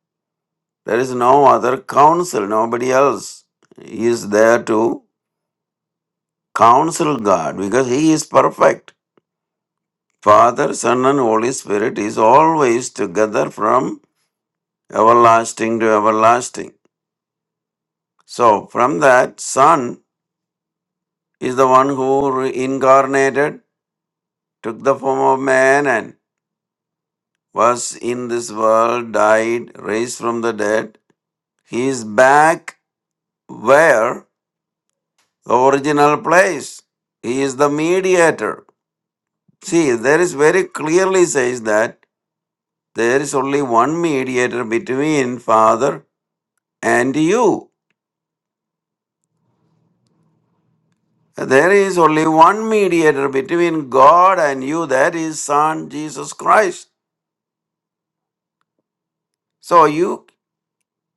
S2: There is no other counsel, nobody else is there to counsel God because He is perfect. Father, Son, and Holy Spirit is always together from everlasting to everlasting. So, from that, Son is the one who incarnated. took the form of man and was in this world, died, raised from the dead. He is back where the original place. He is the mediator. See, there is very clearly says that there is only one mediator between Father and you. There is only one mediator between God and you, that is Son Jesus Christ. So you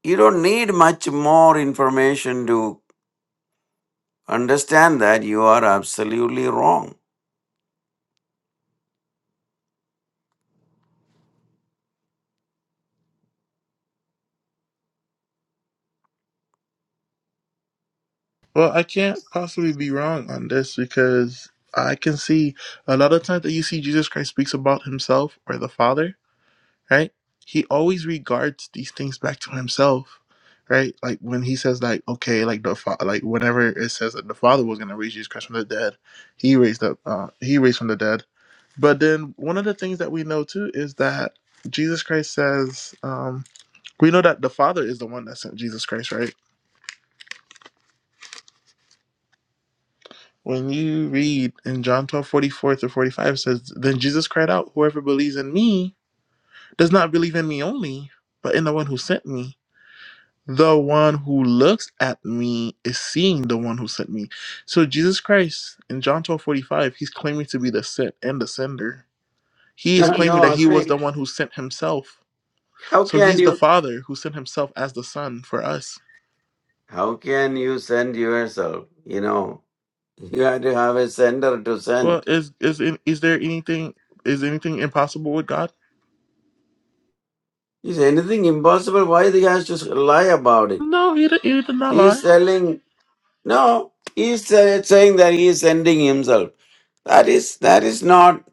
S2: you don't need much more information to. understand that you are absolutely wrong.
S5: Well, I can't possibly be wrong on this because I can see a lot of times that you see Jesus Christ speaks about himself or the Father right? He always regards these things back to himself, right? Like when he says, like, okay, like the fa- like whenever it says that the Father was gonna raise Jesus Christ from the dead, he raised up, uh, he raised from the dead. But then one of the things that we know too is that Jesus Christ says, um, we know that the Father is the one that sent Jesus Christ, right? When you read in John twelve forty four 44 through 45, it says, Then Jesus cried out, Whoever believes in me does not believe in me only, but in the one who sent me. The one who looks at me is seeing the one who sent me. So Jesus Christ in John twelve forty five, he's claiming to be the sent and the sender. He
S2: <laughs>
S5: is claiming
S2: no,
S5: that
S2: I
S5: he was the
S2: think
S5: one who sent himself.
S2: how
S5: So
S2: can
S5: he's the
S2: you
S5: Father who sent himself as the Son for us.
S2: how can you send yourself? You know, <laughs> you have to have a sender to
S5: Well,
S2: send.
S5: is is is there anything is anything impossible with God?
S2: Is anything impossible? Why he has to lie about it?
S5: No, he did, he did not
S2: He is
S5: lie.
S2: telling no. He is uh, saying that he is sending himself. That is that is not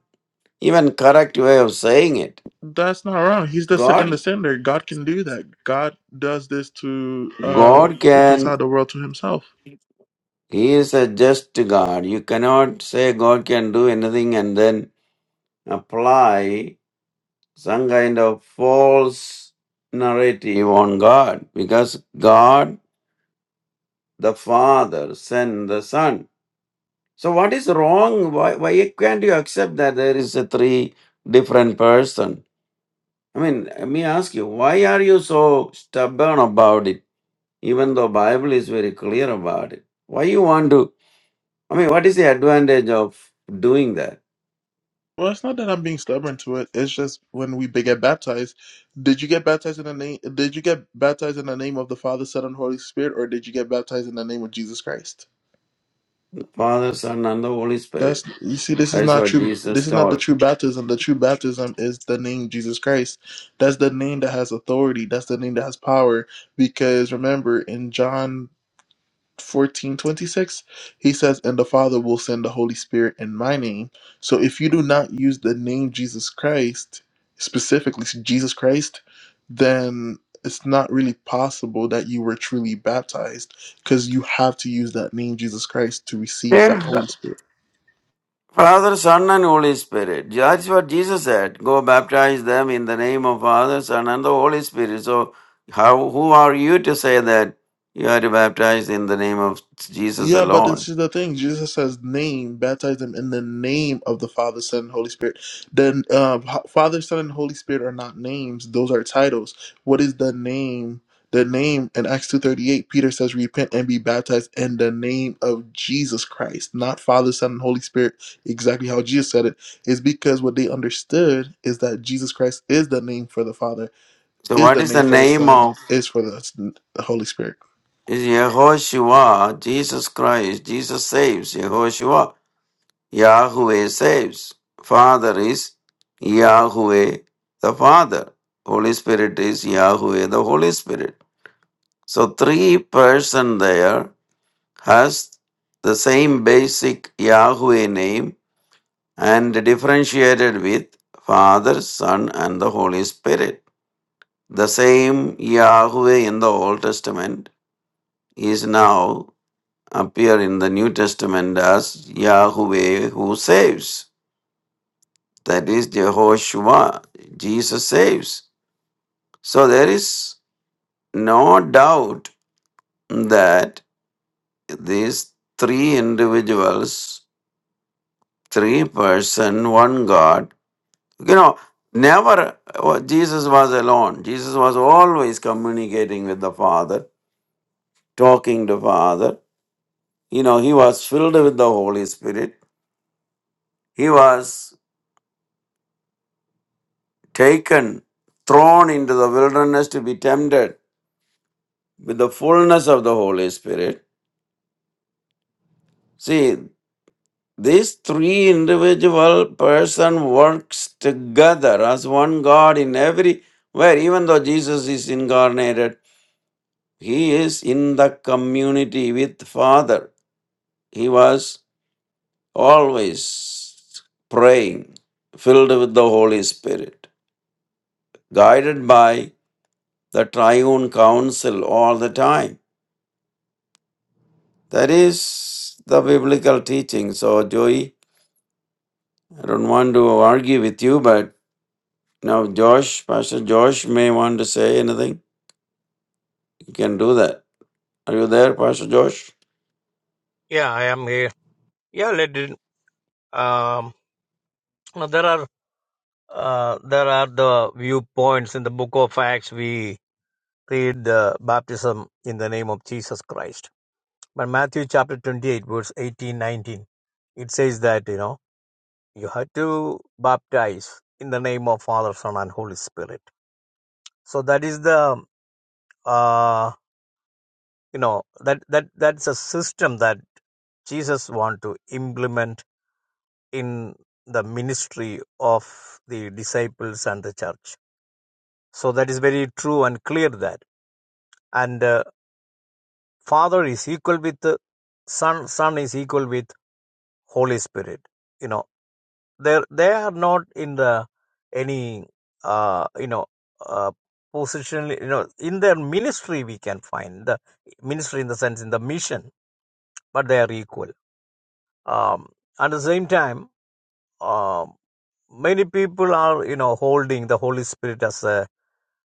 S2: even correct way of saying it.
S5: That's not wrong. He's the sent and
S2: God
S5: the sender. God can do that. God does this to uh,
S2: God
S5: reconcile
S2: can
S5: the world to Himself.
S2: he is a just God. You cannot say God can do anything and then apply some kind of false narrative on God because God the Father sent the Son. So what is wrong? Why, why can't you accept that there is a three different person? I mean, let me ask you, why are you so stubborn about it? Even though Bible is very clear about it. Why you want to I mean what is the advantage of doing that?
S5: Well, it's not that I'm being stubborn to it. It's just when we be- get baptized, did you get baptized in the name? Did you get baptized in the name of the Father, Son, and Holy Spirit, or did you get baptized in the name of Jesus Christ?
S2: Father, Son and the Holy
S5: That's
S2: Spirit.
S5: you see, this is
S2: That's
S5: not
S2: what
S5: true. This
S2: Jesus
S5: is not the
S2: told.
S5: true baptism. The true baptism is the name Jesus Christ. That's the name that has authority. That's the name that has power. Because remember, in John fourteen twenty six, he says, And the Father will send the Holy Spirit in my name. So if you do not use the name Jesus Christ, specifically Jesus Christ, then it's not really possible that you were truly baptized because you have to use that name Jesus Christ to receive that
S2: Yeah.
S5: Holy Spirit.
S2: Father, Son, and Holy Spirit. That's what Jesus said. Go baptize them in the name of Father, Son, and the Holy Spirit. So, how who are you to say that you are to baptize in the name of Jesus
S5: Yeah, but
S2: alone?
S5: this is the thing. Jesus says, "Name, baptize them in the name of the Father, Son, and Holy Spirit." Then, uh, Ho- Father, Son, and Holy Spirit are not names; those are titles. What is the name? The name in Acts two thirty eight, Peter says, "Repent and be baptized in the name of Jesus Christ," not Father, Son, and Holy Spirit. Exactly how Jesus said it is because what they understood is that Jesus Christ is the name for the Father,
S2: So,
S5: is
S2: what
S5: the
S2: is
S5: name
S2: the
S5: for the
S2: name
S5: Son,
S2: of
S5: is for the the Holy Spirit.
S2: is Yehoshua, Jesus Christ? Jesus saves. Yehoshua, Yahweh saves. Father is Yahweh the Father. Holy Spirit is Yahweh the Holy Spirit. So, three person there has the same basic Yahweh name and differentiated with Father, Son, and the Holy Spirit. The same Yahweh in the Old Testament is now appear in the New Testament as Yahweh who saves. That is Jehoshua. Jesus saves. So there is no doubt that these three individuals, three person, one God, You know, never uh, Jesus was alone. Jesus was always communicating with the Father, talking to Father. You know, he was filled with the Holy Spirit. He was taken, thrown into the wilderness to be tempted with the fullness of the Holy Spirit. See, these three individual person works together as one God in every where even though Jesus is incarnated, he is in the community with Father. He was always praying, filled with the Holy Spirit, guided by the triune counsel all the time. That is the biblical teaching. So, Joey, I don't want to argue with you, but now Josh, Pastor Josh may want to say anything. You can do that. Are you there, Pastor Josh?
S3: Yeah, I am here. Yeah, let it, um, no, there are uh, there are the viewpoints in the Book of Acts. We read the baptism in the name of Jesus Christ. But Matthew chapter 28, verse 18, 19, it says that you know you have to baptize in the name of Father, Son, and Holy Spirit. So that is the uh, you know that that that's a system that Jesus want to implement in the ministry of the disciples and the church. So that is very true and clear that. And uh, Father is equal with the Son. Son is equal with Holy Spirit. You know, they they are not in the any uh, you know uh, position. You know, in their ministry we can find the ministry in the sense in the mission but they are equal. Um, at the same time, um, many people are you know holding the Holy Spirit as a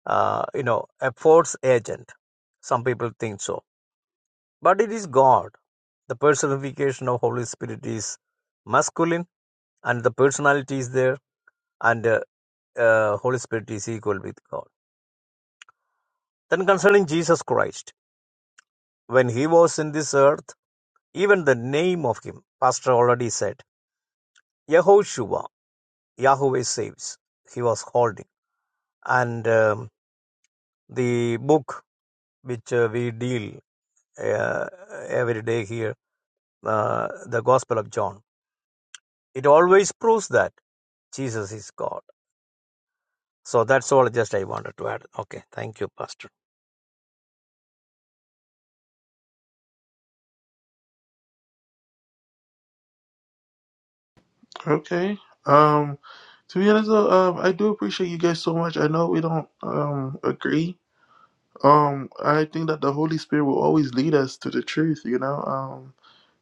S3: uh, you know a force agent. Some people think so, but it is God. The personification of Holy Spirit is masculine, and the personality is there, and uh, uh, Holy Spirit is equal with God. Then concerning Jesus Christ, when he was in this earth, even the name of him, Pastor already said, Yehoshua, Yahweh saves. He was holding. and um, the book which uh, we deal uh, every day here, uh, the Gospel of John, it always proves that Jesus is God. So that's all just I wanted to add. Okay, thank you, Pastor.
S5: Okay. Um, to be honest though, um, I do appreciate you guys so much. I know we don't um agree. Um, I think that the Holy Spirit will always lead us to the truth. You know, um,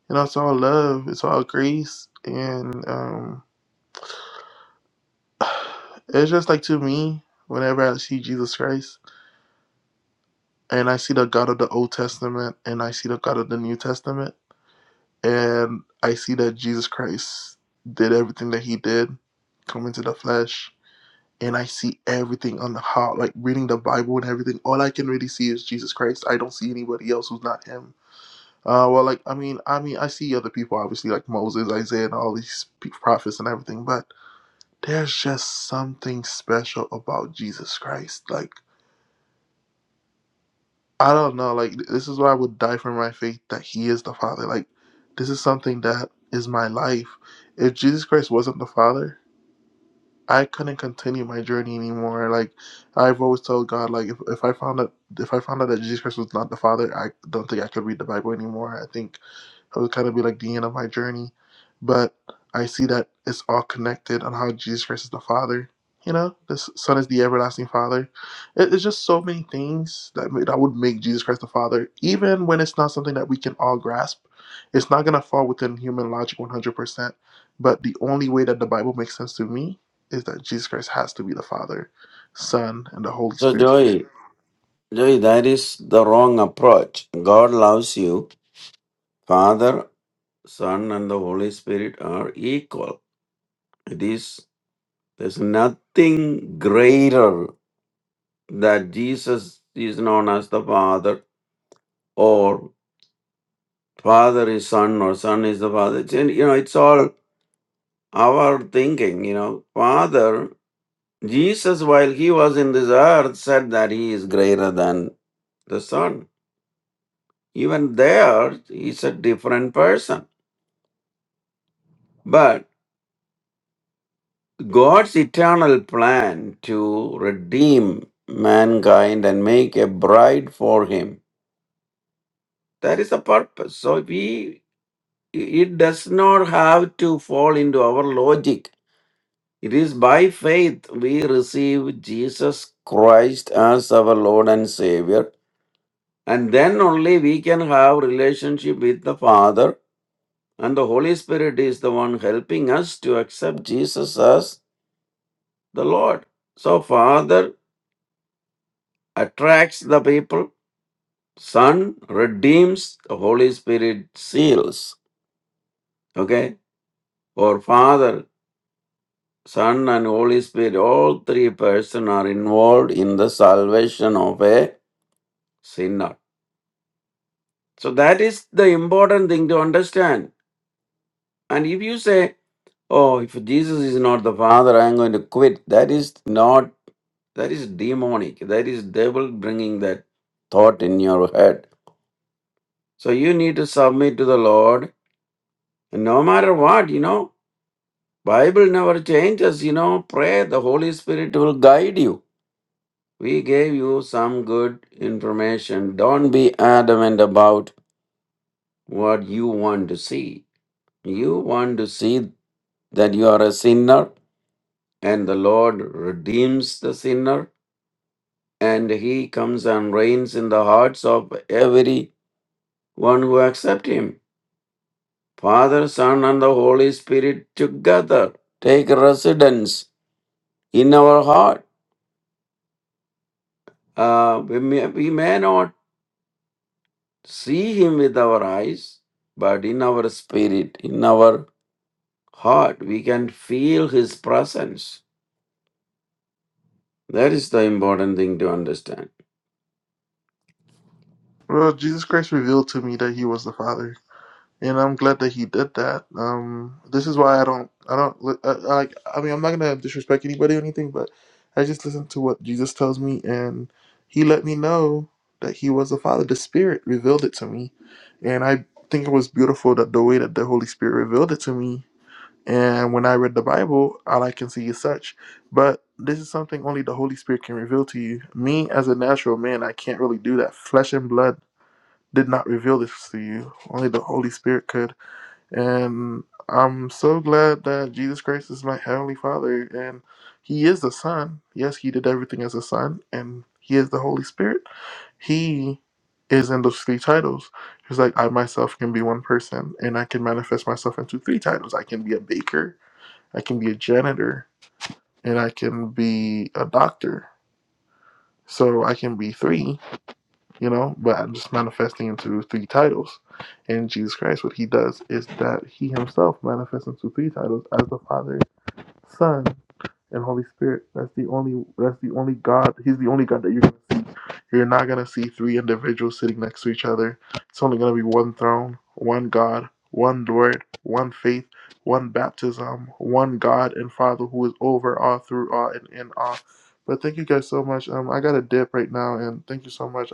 S5: you know, it's all love, it's all grace, and um, <sighs> it's just like to me. Whenever I see Jesus Christ and I see the God of the Old Testament and I see the God of the New Testament and I see that Jesus Christ did everything that he did, come into the flesh, and I see everything on the how like reading the Bible and everything. All I can really see is Jesus Christ. I don't see anybody else who's not him. Uh, well, like I mean, I mean, I see other people obviously like Moses, Isaiah, and all these pe- prophets and everything, but there's just something special about Jesus Christ. Like I don't know, like th- this is why I would die for my faith that He is the Father. Like this is something that is my life. If Jesus Christ wasn't the Father. I couldn't continue my journey anymore. Like I've always told God, like if, if I found out if I found out that Jesus Christ was not the Father, I don't think I could read the Bible anymore. I think it would kind of be like the end of my journey. But I see that it's all connected on how Jesus Christ is the Father. You know, the S- Son is the everlasting Father. It, it's just so many things that ma- that would make Jesus Christ the Father, even when it's not something that we can all grasp. It's not gonna fall within human logic 100%. But the only way that the Bible makes sense to me is that Jesus Christ has to be the Father, Son, and the Holy
S2: So,
S5: Spirit.
S2: Joey, Joey, that is the wrong approach. God loves you. Father, Son, and the Holy Spirit are equal. It is, there's nothing greater that Jesus is known as the Father or Father is Son or Son is the Father. It's, you know, it's all our thinking, you know. Father, Jesus, while he was in this earth, said that he is greater than the Son. Even there, he's a different person. But God's eternal plan to redeem mankind and make a bride for him That is the purpose. So we it does not have to fall into our logic. It is by faith we receive Jesus Christ as our Lord and Savior. And then only we can have relationship with the Father. And the Holy Spirit is the one helping us to accept Jesus as the Lord. So Father attracts the people, Son redeems, the Holy Spirit seals. Okay? Or Father Son and Holy Spirit, all three persons are involved in the salvation of a sinner. So that is the important thing to understand. And if you say, Oh, if Jesus is not the Father, I am going to quit, that is not, that is demonic. That is devil bringing that thought in your head. So you need to submit to the Lord. And no matter what, you know, Bible never changes, you know, pray, the Holy Spirit will guide you We gave you some good information. Don't be adamant about what you want to see. You want to see that you are a sinner and the Lord redeems the sinner and he comes and reigns in the hearts of every one who accept him. Father, Son and the Holy Spirit together take residence in our heart. Uh, we, may, we may not see Him with our eyes, but in our spirit, in our heart, we can feel His presence. That is the important thing to understand.
S5: Well, Jesus Christ revealed to me that He was the Father and I'm glad that he did that. Um, this is why I don't, I don't li- uh, like. I mean, I'm not gonna disrespect anybody or anything, but I just listen to what Jesus tells me, and He let me know that He was the Father. The Spirit revealed it to me, and I think it was beautiful that the way that the Holy Spirit revealed it to me. And when I read the Bible, all I can see is such. But this is something only the Holy Spirit can reveal to you. Me, as a natural man, I can't really do that. Flesh and blood did not reveal this to you. Only the Holy Spirit could. And I'm so glad that Jesus Christ is my Heavenly Father and He is the Son. Yes, He did everything as a Son and He is the Holy Spirit. He is in those three titles. He's like, I myself can be one person and I can manifest myself into three titles. I can be a baker, I can be a janitor, and I can be a doctor. So I can be three you know, but I'm just manifesting into three titles. And Jesus Christ, what he does is that he himself manifests into three titles as the Father, Son, and Holy Spirit. That's the only that's the only God he's the only God that you're gonna see. You're not gonna see three individuals sitting next to each other. It's only gonna be one throne, one God, one Lord, one faith, one baptism, one God and Father who is over all, through all, and in all. But thank you guys so much. Um, I got a dip right now, and thank you so much.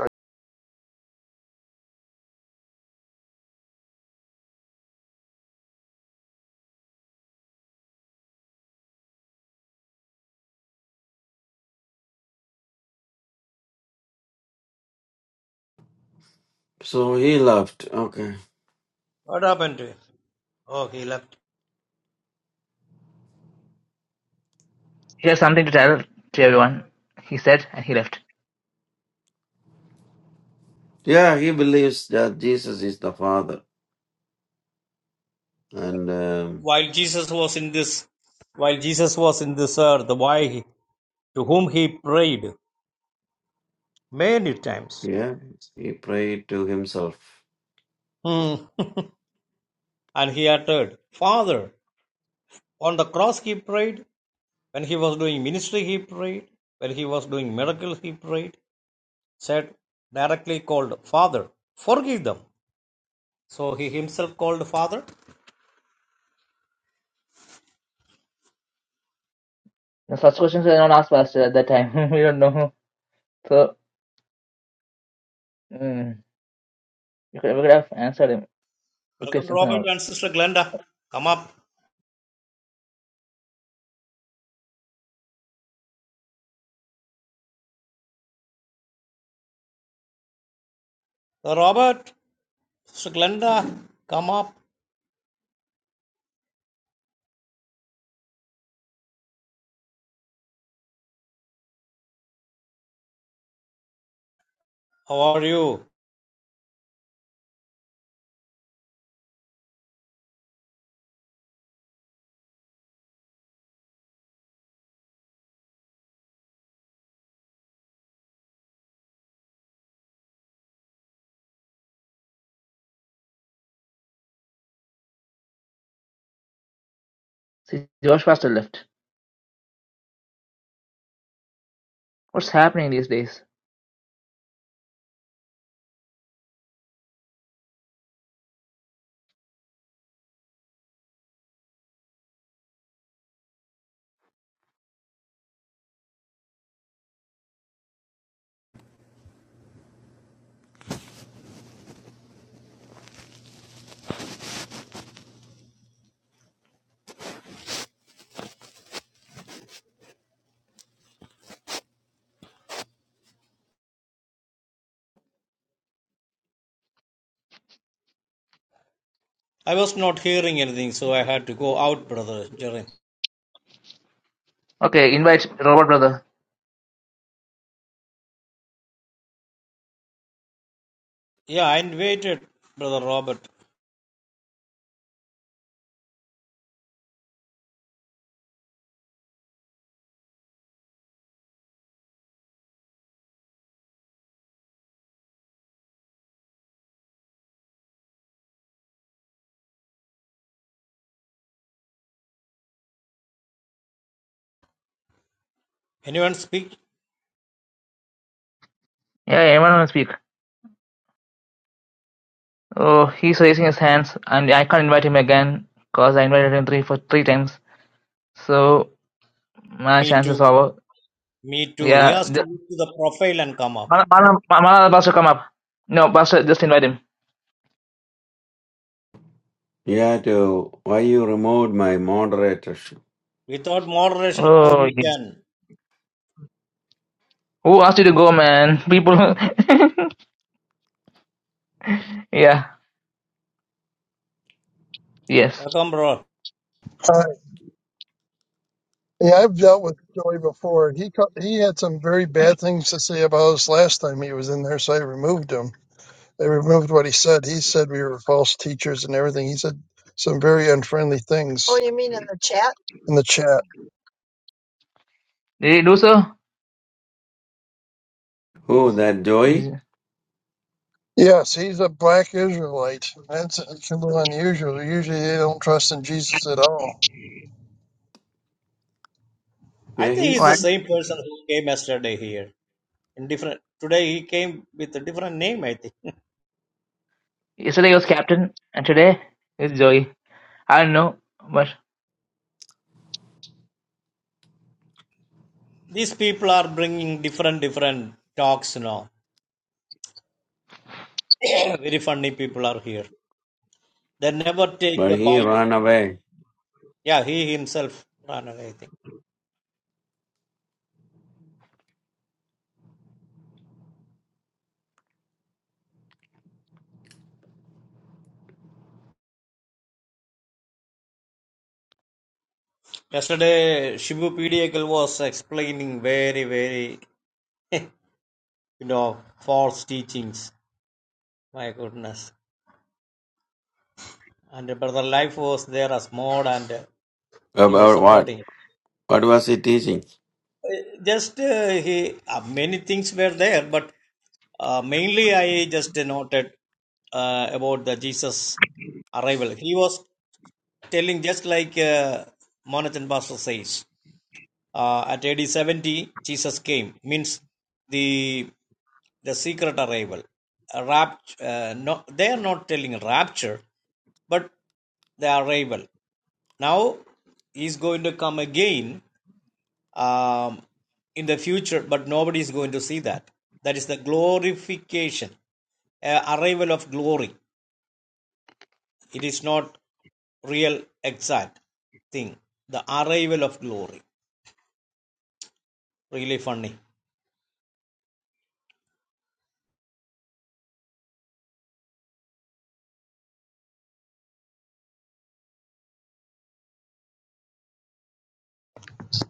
S2: So he loved. Okay.
S3: What happened to him? Oh, he left.
S1: He has something to tell to everyone. He said, and he left.
S2: Yeah, he believes that Jesus is the Father. And um,
S3: While Jesus was in this, while Jesus was in this earth, why he, to whom he prayed many times,
S2: yeah, he prayed to himself.
S3: Hmm. <laughs> and he uttered, "Father." On the cross he prayed, When he was doing ministry, he prayed. When he was doing miracles, he prayed. Said directly called Father, forgive them. So he himself called Father.
S1: No, such questions were not asked Pastor at that time. <laughs> we don't know. So, mm, we, could, we could have answered him with
S3: Welcome,
S1: questions and
S3: Robert
S1: all.
S3: and Sister Glenda. Come up. Robert, Sister Glenda, come up. How are you?
S1: See, Josh Pastor left. What's happening these days?
S3: I was not hearing anything, so I had to go out, Brother Jerry.
S1: Okay, invite Robert, brother.
S3: Yeah, I invited Brother Robert. Anyone speak?
S1: Yeah, anyone want to speak? Oh, he's raising his hands, and I can't invite him again because I invited him three for three times. So my
S3: Me
S1: chance is
S3: too.
S1: over.
S3: Me too. He
S1: Yeah,
S3: has to
S1: the-
S3: look to the profile and come up.
S1: Mana Mana- Mana the pastor come up. No, pastor, just invite him.
S2: Yeah, to why you removed my moderatorship?
S3: Without moderation, how
S1: Oh,
S3: he
S1: yeah.
S3: can?
S1: who asked you to go, man? People. <laughs> yeah. Yes.
S3: Welcome, bro.
S6: Uh, yeah, I've dealt with Joey before, and he co- he had some very bad things to say about us last time he was in there, so I removed him. They removed what he said. He said we were false teachers and everything. He said some very unfriendly Oh, things you mean in the chat? in the chat.
S1: Did he do so?
S2: Who, that joy?
S1: Is-
S6: Yes, he's a black Israelite. That's it's a little unusual. Usually they don't trust in Jesus at all.
S3: I
S2: Yeah,
S3: think he's the
S1: What?
S2: he's.
S3: same person who came yesterday here. In different today, he came with a different name. I think <laughs>
S1: Yesterday was captain, and today is Joey. I don't know, but
S3: these people are bringing different different talks now. <coughs> <clears throat> Very funny people are here. They never take
S2: But
S3: the
S2: he
S3: Bible.
S2: ran away.
S3: Yeah, he himself ran away. I think yesterday Shibu Pediakal was explaining very very <laughs> you know false teachings. My goodness, and brother Life was there as mod and uh, he was
S2: About what?
S3: supporting.
S2: What was he teaching?
S3: Just uh, he uh, many things were there, but uh, mainly I just noted uh, about the Jesus arrival. He was telling just like uh, Monathan Pastor says uh, at AD 70 Jesus came means the the secret arrival A rapt uh, no they are not telling rapture but the arrival now he's going to come again um, in the future, but nobody is going to see that. That is the glorification, uh, arrival of glory. It is not real exact thing. The arrival of glory. Really funny.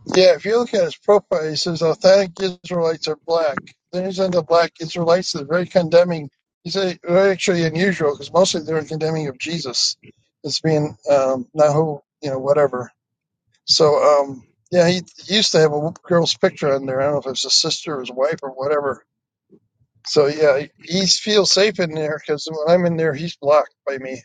S6: Yeah, if you look at his profile, he says authentic Israelites are black. Then he's into black Israelites is very condemning. He's a, very actually unusual because mostly they're condemning of Jesus as being um, not who you know whatever. So um, yeah, he used to have a girl's picture on there. I don't know if it's his sister or his wife or whatever. So yeah, he, he feels safe in there because when I'm in there, he's blocked by me.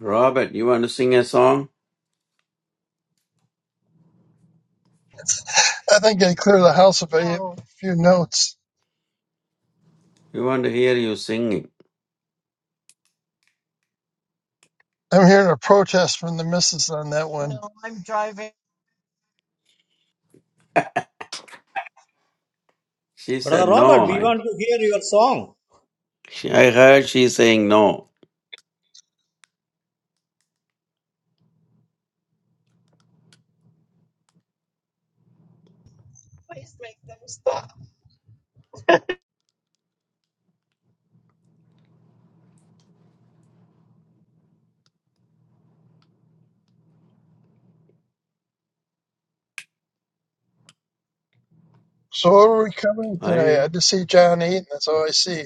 S2: Robert, you want to sing a song?
S6: I think I clear the house if I hit Oh, a few notes.
S2: We want to hear you singing.
S6: I'm hearing a protest from the missus on that one. no, I'm driving.
S2: She
S3: Brother
S2: said,
S3: Robert,
S2: No.
S3: we
S2: I,
S3: want to hear your song.
S2: she, I heard she saying no.
S6: Please make them stop. So what are we covering
S2: I,
S6: tonight? I just see John Eaton. That's all I see.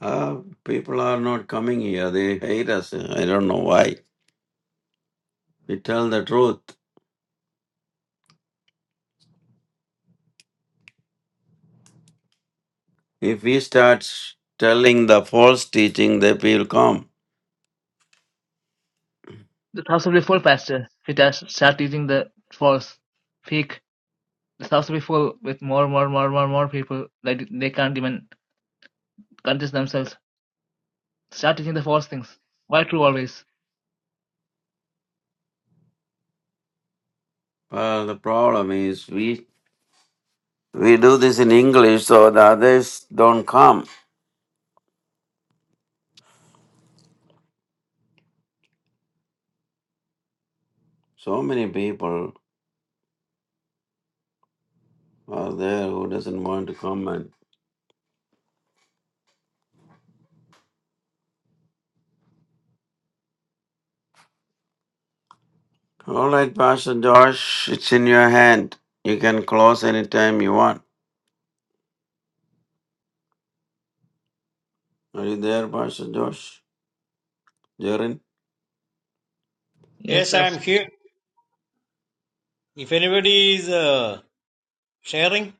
S2: uh, people are not coming here. They hate us. I don't know why. We tell the truth. If we start s- telling the false teaching, the people come.
S1: the house will be full, pastor. He it does start teaching the false, fake It's absolutely full with more, more, more, more, more people that they can't even contest themselves. Start teaching the false things. Why true always?
S2: Well, the problem is we we do this in English, so the others don't come. So many people are there who doesn't want to come. And all right, Pastor Josh, it's in your hand. You can close anytime you want. Are you there, Pastor Josh? Jaren?
S1: Yes,
S3: Yes, I am
S1: Pastor.
S3: here. If anybody is uh, sharing,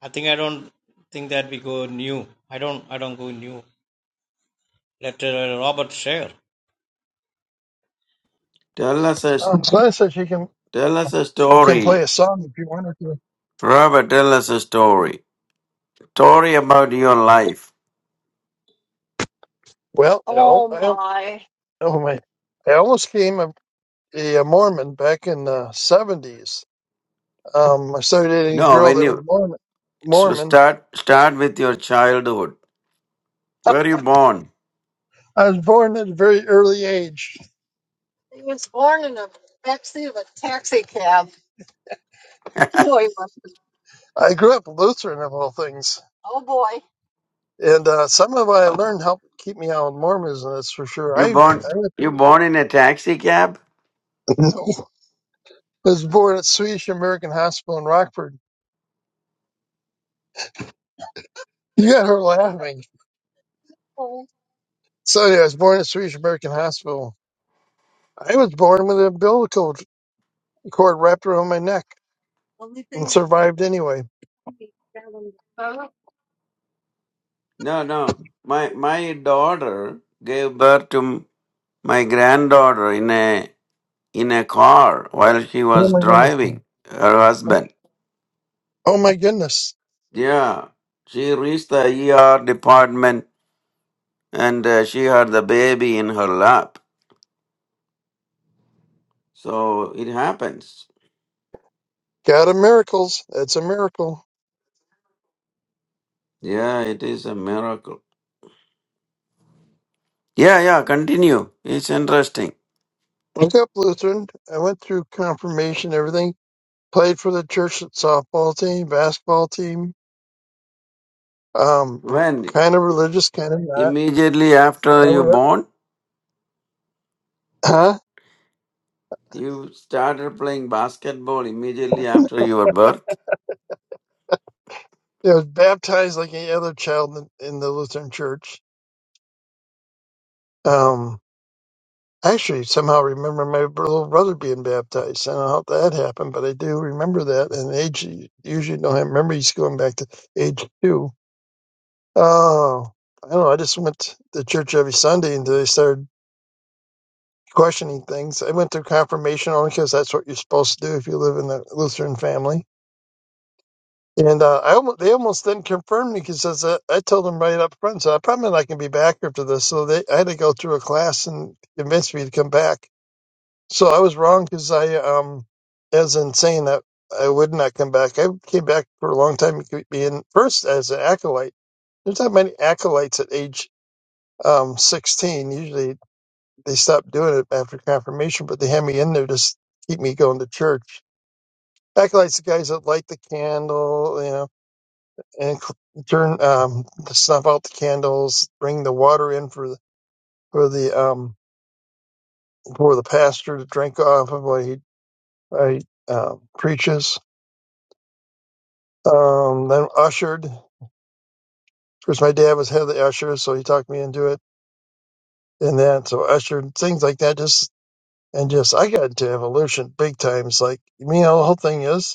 S3: I think I don't think that we go new. I don't. I don't go new. Let uh, Robert share.
S2: Tell us a
S6: Um, Glenn said she can
S2: tell us a
S6: can
S2: story.
S6: play a song if you want her to.
S2: Robert, tell us a story. Story about your life.
S6: Well, I, al- Oh I, al- my. oh my, I almost became a, a Mormon back in the seventies. Um, I started dating a
S2: No,
S6: girl
S2: when
S6: that was
S2: you
S6: Mormon.
S2: so
S6: Mormon.
S2: start start with your childhood. Where you born?
S6: I was born at a very early age. He was born in a backseat of a taxi cab. No, he was. not I grew up Lutheran of all things. Oh boy. And uh, some of what I learned helped keep me out of Mormonism, that's for sure.
S2: You
S6: I,
S2: born
S6: I went
S2: you born in a taxi cab?
S6: <laughs> was born at Swedish American Hospital in Rockford. <laughs> You got her laughing. So yeah, I was born at Swedish American Hospital. I was born with an umbilical cord wrapped around my neck and survived anyway. Oh
S2: No, no. My my daughter gave birth to m- my granddaughter in a in a car while she was
S6: my goodness.
S2: driving her husband.
S6: Oh my goodness.
S2: Yeah. She reached the ER department and uh, she had the baby in her lap. So it happens.
S6: God of miracles. That's a miracle.
S2: Yeah, it is a miracle. Yeah, yeah, continue. It's interesting.
S6: Look up, Lutheran. I went through confirmation, everything. Played for the church softball team, basketball team, um,
S2: When?
S6: kind of religious, kind of not.
S2: Immediately after
S6: I
S2: you
S6: was,
S2: born?
S6: huh?
S2: You started playing basketball immediately after your birth?
S6: Yeah, I was baptized like any other child in, in the Lutheran church. Um, I actually somehow remember my br- little brother being baptized. I don't know how that happened, but I do remember that. And age usually don't have memories going back to age two. Oh, I don't know. I just went to church every Sunday until they started questioning things. I went through confirmation only because that's what you're supposed to do if you live in the Lutheran family. And uh, I almost, they almost then confirmed me because I, I told them right up front, so I'm probably not going to be back after this. So they I had to go through a class and convince me to come back. So I was wrong because I, um, as in saying that I would not come back. I came back for a long time, being first as an acolyte. There's not many acolytes at age um, 16. Usually they stopped doing it after confirmation, but they had me in there to keep me going to church. Acolytes, the guys that light the candle, you know, and c- turn um, snuff out the candles, bring the water in for the for the um for the pastor to drink off of what he, what he uh, preaches. Um, then ushered. Of course, my dad was head of the ushers, so he talked me into it. And then, so ushered things like that. Just and just I got into evolution big times. Like you know, the whole thing is.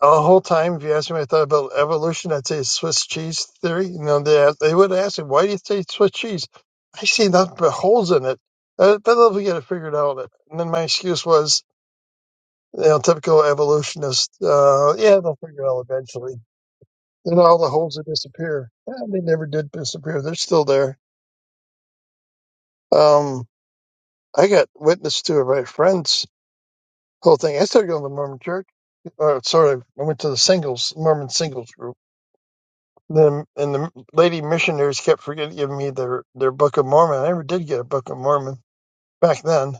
S6: A whole time, if you asked me, I thought about evolution. I'd say Swiss cheese theory. You know, they they would ask me, "Why do you say Swiss cheese?" I see nothing but holes in it. Uh, But if we get it figured out, and then my excuse was, you know, typical evolutionist. Uh, yeah, they'll figure it out eventually. Then all the holes will disappear. Yeah, they never did disappear. They're still there. Um, I got witness to it by friends. Whole thing. I started going to the Mormon church. Or sorry, I went to the singles Mormon singles group The and the lady missionaries kept forgetting to give me their their Book of Mormon. I never did get a Book of Mormon back then.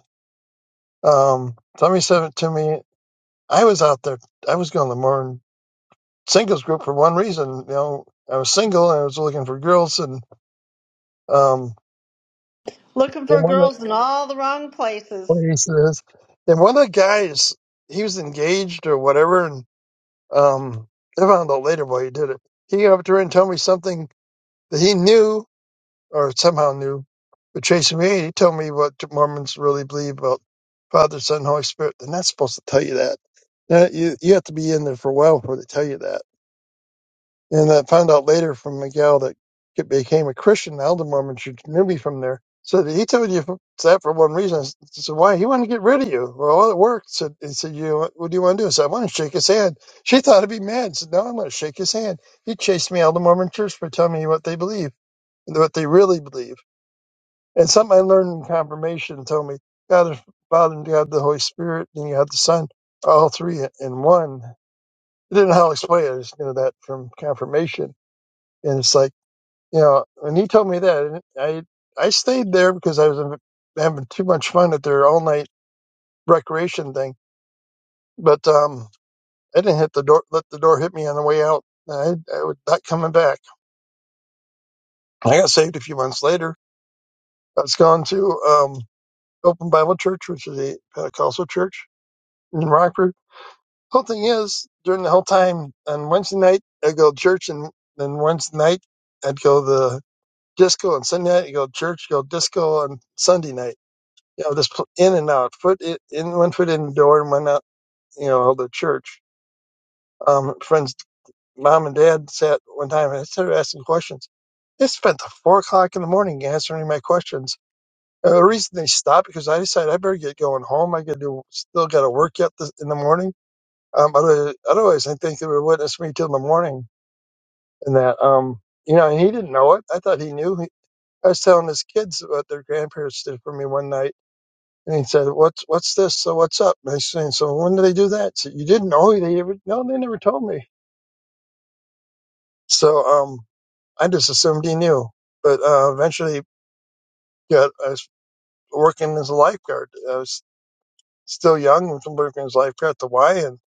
S6: Um, somebody sent it to me. I was out there. I was going to the Mormon singles group for one reason. You know, I was single and I was looking for girls. And um,
S7: Looking for
S6: and one of
S7: girls in all the wrong places.
S6: the ladies says, and one of the guys, he was engaged or whatever. And um, I found out later why he did it. He got up to her and told me something that he knew or somehow knew. But Tracy Reed, he told me what Mormons really believe about Father, Son, Holy Spirit. They're not supposed to tell you that. That- you, you have to be in there for a while before they tell you that. And I found out later from a gal that he became a Christian, now the Elder Mormon Church knew me from there. So that he told you that for one reason. I said, why? He wanted to get rid of you. Well, well, it worked. So he said, you, what do you want to do? I said, I want to shake his hand. She thought I'd be mad. I said, no, I'm going to shake his hand. He chased me out of the Mormon Church for telling me what they believe, what they really believe. And something I learned in confirmation told me God the Father and God the Holy Spirit and you have the Son, are all three in one. I didn't know how to explain it. I just knew that from confirmation. And it's like, you know, when he told me that, I I stayed there because I was having having too much fun at their all night recreation thing. But um, I didn't hit the door, let the door hit me on the way out. I, I was not coming back. I got saved a few months later. I was going to um, Open Bible Church, which is a Pentecostal church in Rockford whole thing is during the whole time on Wednesday night I'd go to church and then Wednesday night I'd go to the disco and Sunday night I'd go to church, go disco on Sunday night. You know, just in and out, foot i- in, one foot in the door and one out, you know, the church. Um, friends, mom and dad sat one time and I started asking questions. They spent till four o'clock in the morning answering my questions. And the reason they stopped because I decided I better get going home. I could do, still got to work yet this, in the morning um, but otherwise, I think they were witness me till the morning and that, um, you know, and he didn't know it. I thought he knew. He, I was telling his kids what their grandparents did for me one night. And he said, what's, what's this? So what's up? And I said, so when did they do that? So you didn't know? They ever, no, they never told me. So, um, I just assumed he knew, but, uh, eventually got, I was working as a lifeguard. I was. still young and from working his life here at the Y and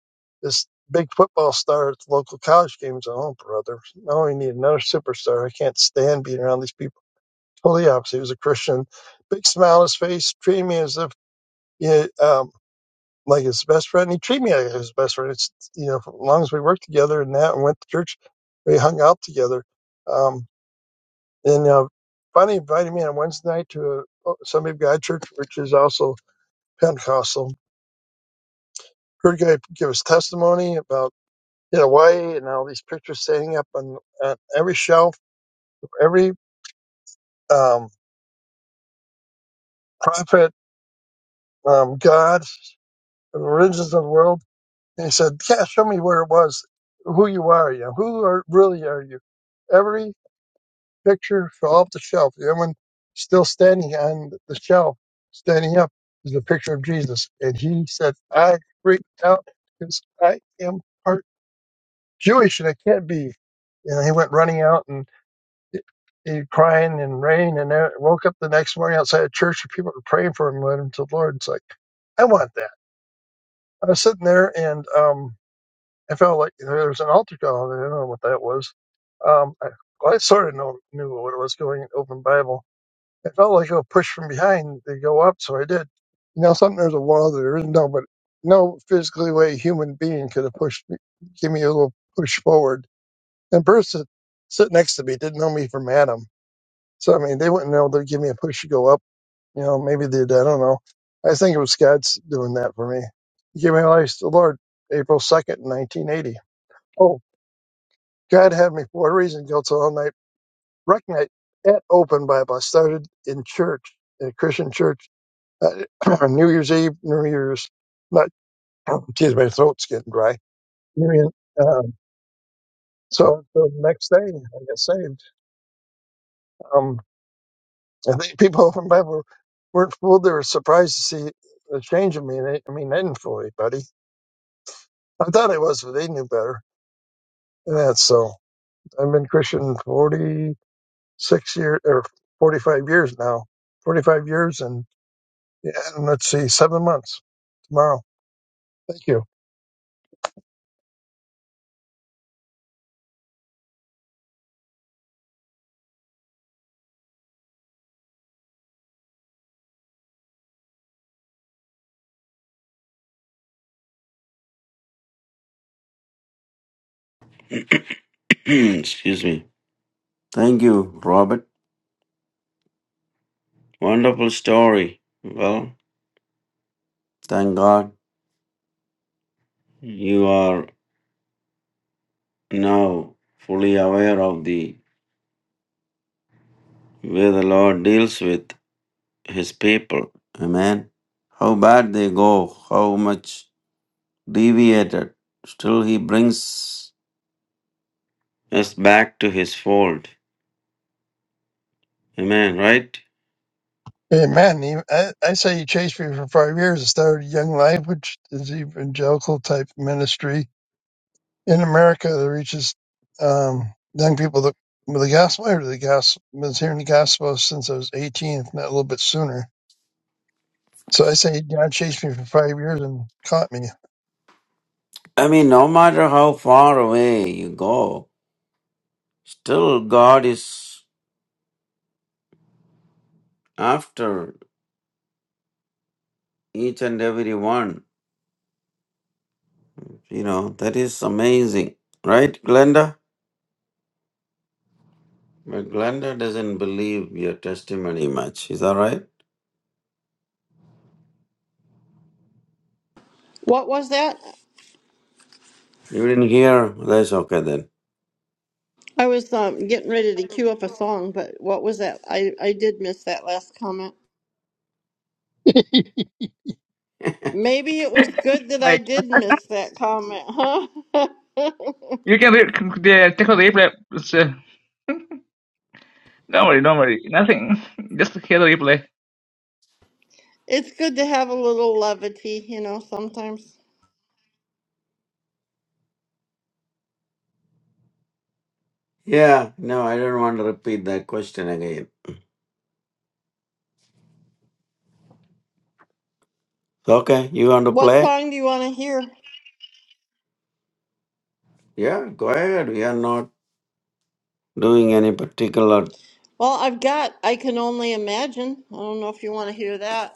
S6: this big football star at the local college games. Oh, brother. Now we need another superstar. I can't stand being around these people. Totally opposite. He was a Christian. Big smile on his face, treating me as if, you know, um, like his best friend. He treated me like his best friend. It's, you know, as long as we worked together and that and went to church, we hung out together. Um, and, uh, finally invited me on Wednesday night to a Sunday of God church, which is also Pentecostal. Heard a guy give his testimony about in Hawaii, and all these pictures standing up on, on every shelf, every um, prophet, um, God, the religions of the world. And he said, "Yeah, show me where it was, who you are, you know, who are really are you?" Every picture fell off the shelf. The one still standing on the shelf, standing up, is a picture of Jesus. And he said, "I freaked out because I am part Jewish, and I can't be." And he went running out and He crying and rain, and I woke up the next morning outside a church, and people were praying for him, and led him to the Lord. It's like I want that. I was sitting there, and um, I felt like there was an altar call. I did not know what that was. Um, I, well, I sort of know, knew what it was going in Open Bible. I felt like a push from behind to go up, so I did. You know, something there's a wall that there is no, but no physically way human being could have pushed me, give me a little push forward. And the person sit next to me didn't know me from Adam so I mean, they wouldn't know. They'd give me a push to go up. You know, maybe they did. I don't know. I think it was God's doing that for me. He gave me life to the Lord April second, nineteen eighty. Oh, God had me for a reason. Go to all night rec night at Open Bible. I started in church, in a Christian church, uh, <clears throat> New Year's Eve, New Year's. Not, <clears throat> geez, my throat's getting dry. New Year, um, so so the next day I got saved. Um, I think people from Bible were- weren't fooled. They were surprised to see the change in me. And I, I mean, I didn't fool anybody. I thought I was, but they knew better. And that's so. I've been Christian 46 years or 45 years now. 45 years and, yeah, and let's see, seven months tomorrow. Thank you.
S2: <clears throat> Excuse me. Thank you, Robert. Wonderful story. Well, thank God you are now fully aware of the way the Lord deals with his people. Amen. How bad they go, how much deviated. Still he brings us back to his fold. Amen, right?
S6: Amen. Even- I, I say you chased me for five years. I started Young Life, which is evangelical type ministry in America that reaches um, young people that with the gospel. I've the gospel, been hearing the gospel since I was 18, if not a little bit sooner. So I say God chased me for five years and caught me.
S2: I mean, no matter how far away you go, still God is after each and every one. You know, that is amazing. Right, Glenda? But Glenda doesn't believe your testimony much. Is that right?
S7: What was that?
S2: You didn't hear? That's okay then.
S7: I was um, getting ready to cue up a song, but what was that? I, I did miss that last comment. Maybe it was good that I
S1: Like
S7: did miss that comment, huh? <laughs>
S1: you can re- the- take a replay. It's, uh, don't worry, don't worry. Nothing. <laughs> Just hear the replay.
S7: it's good to have a little levity, you know, sometimes.
S2: Yeah, no, I don't want to repeat that question again. Okay, you want to
S7: What
S2: play?
S7: song do you want to hear?
S2: Yeah, go ahead. We are not doing any particular.
S7: Well, I've got I Can Only Imagine. I don't know if you want to hear that.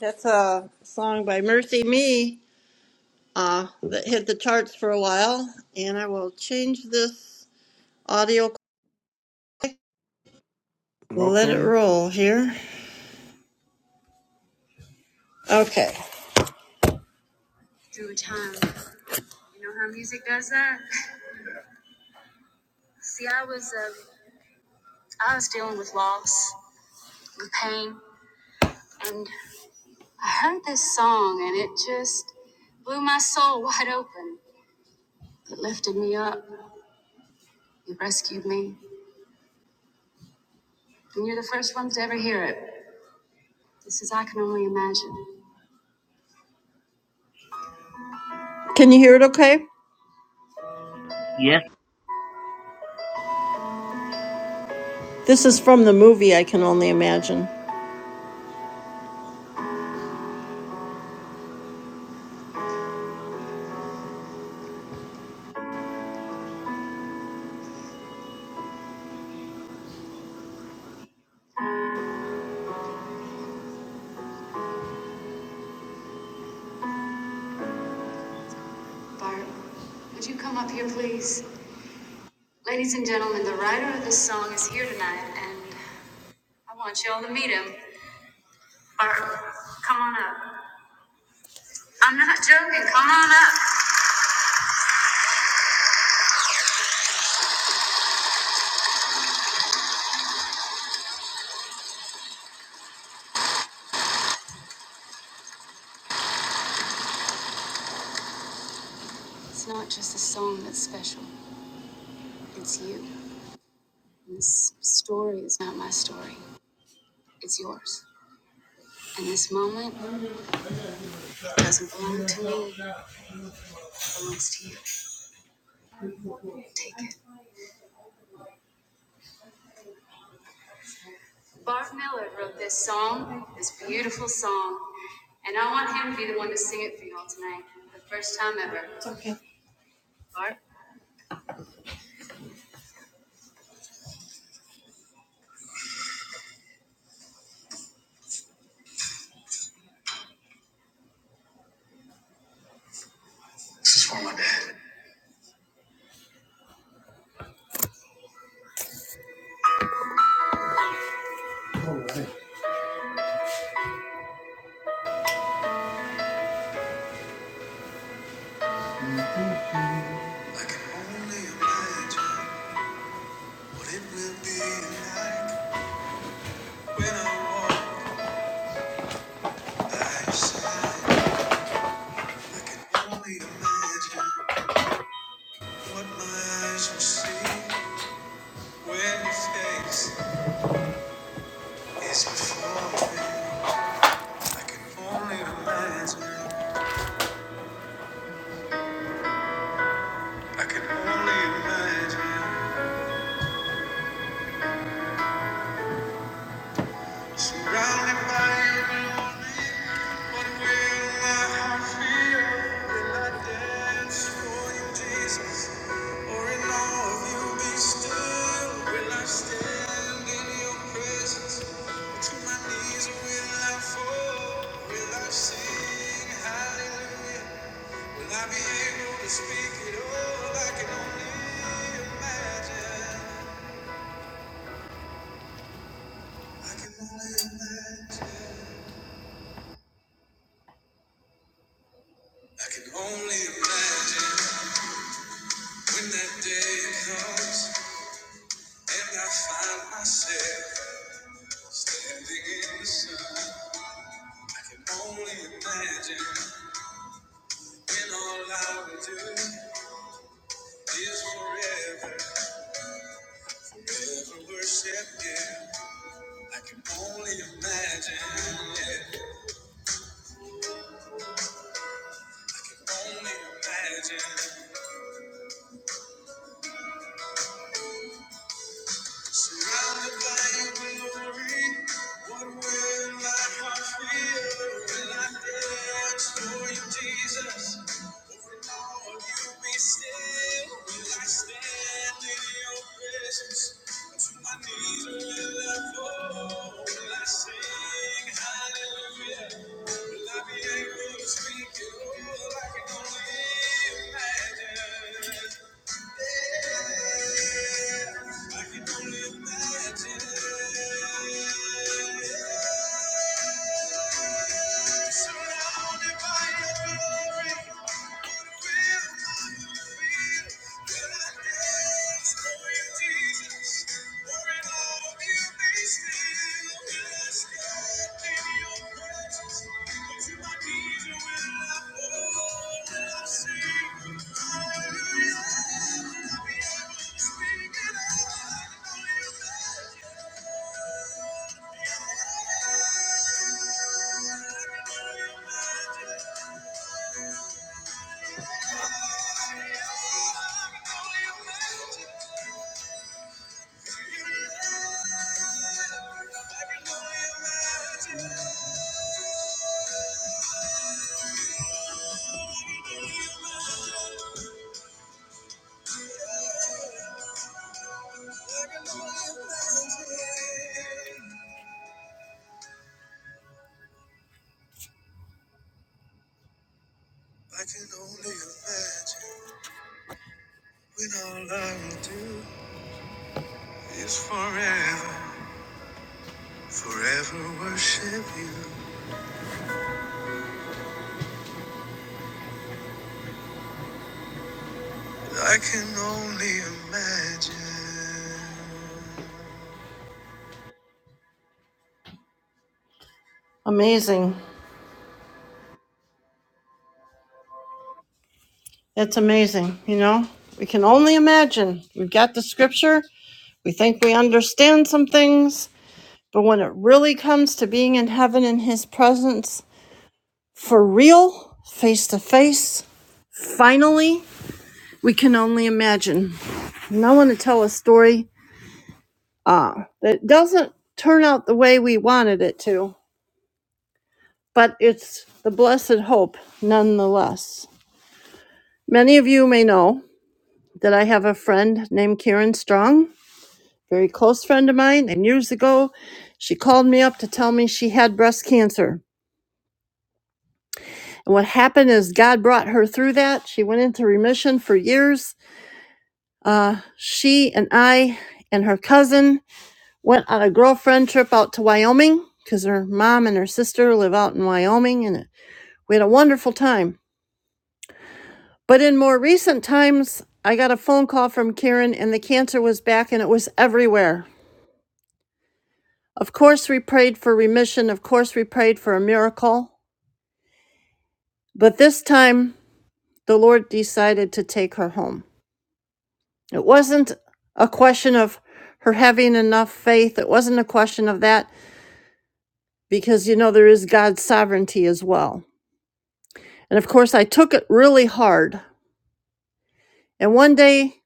S7: That's a song by Mercy Me uh, that hit the charts for a while. And I will change this. Audio quick. Let it
S2: Okay.
S7: roll here. Okay. Can you hear it okay?
S1: Yes.
S7: This is from the movie, I can only imagine. Okay. Amazing. It's amazing, you know? We can only imagine. We've got the scripture, we think we understand some things, but when it really comes to being in heaven in his presence for real, face to face, finally, we can only imagine. And I want to tell a story uh, that doesn't turn out the way we wanted it to but it's the blessed hope nonetheless. Many of you may know that I have a friend named Karen Strong, very close friend of mine, and years ago she called me up to tell me she had breast cancer. And what happened is God brought her through that. She went into remission for years. Uh, she and I and her cousin went on a girlfriend trip out to Wyoming because her mom and her sister live out in Wyoming, and we had a wonderful time But in more recent times, I got a phone call from Karen and the cancer was back and it was everywhere. Of course, we prayed for remission. Of course, we prayed for a miracle. But this time, the Lord decided to take her home. It wasn't a question of her having enough faith. It wasn't a question of that because, you know, there is God's sovereignty as well. And of course, I took it really hard. And one day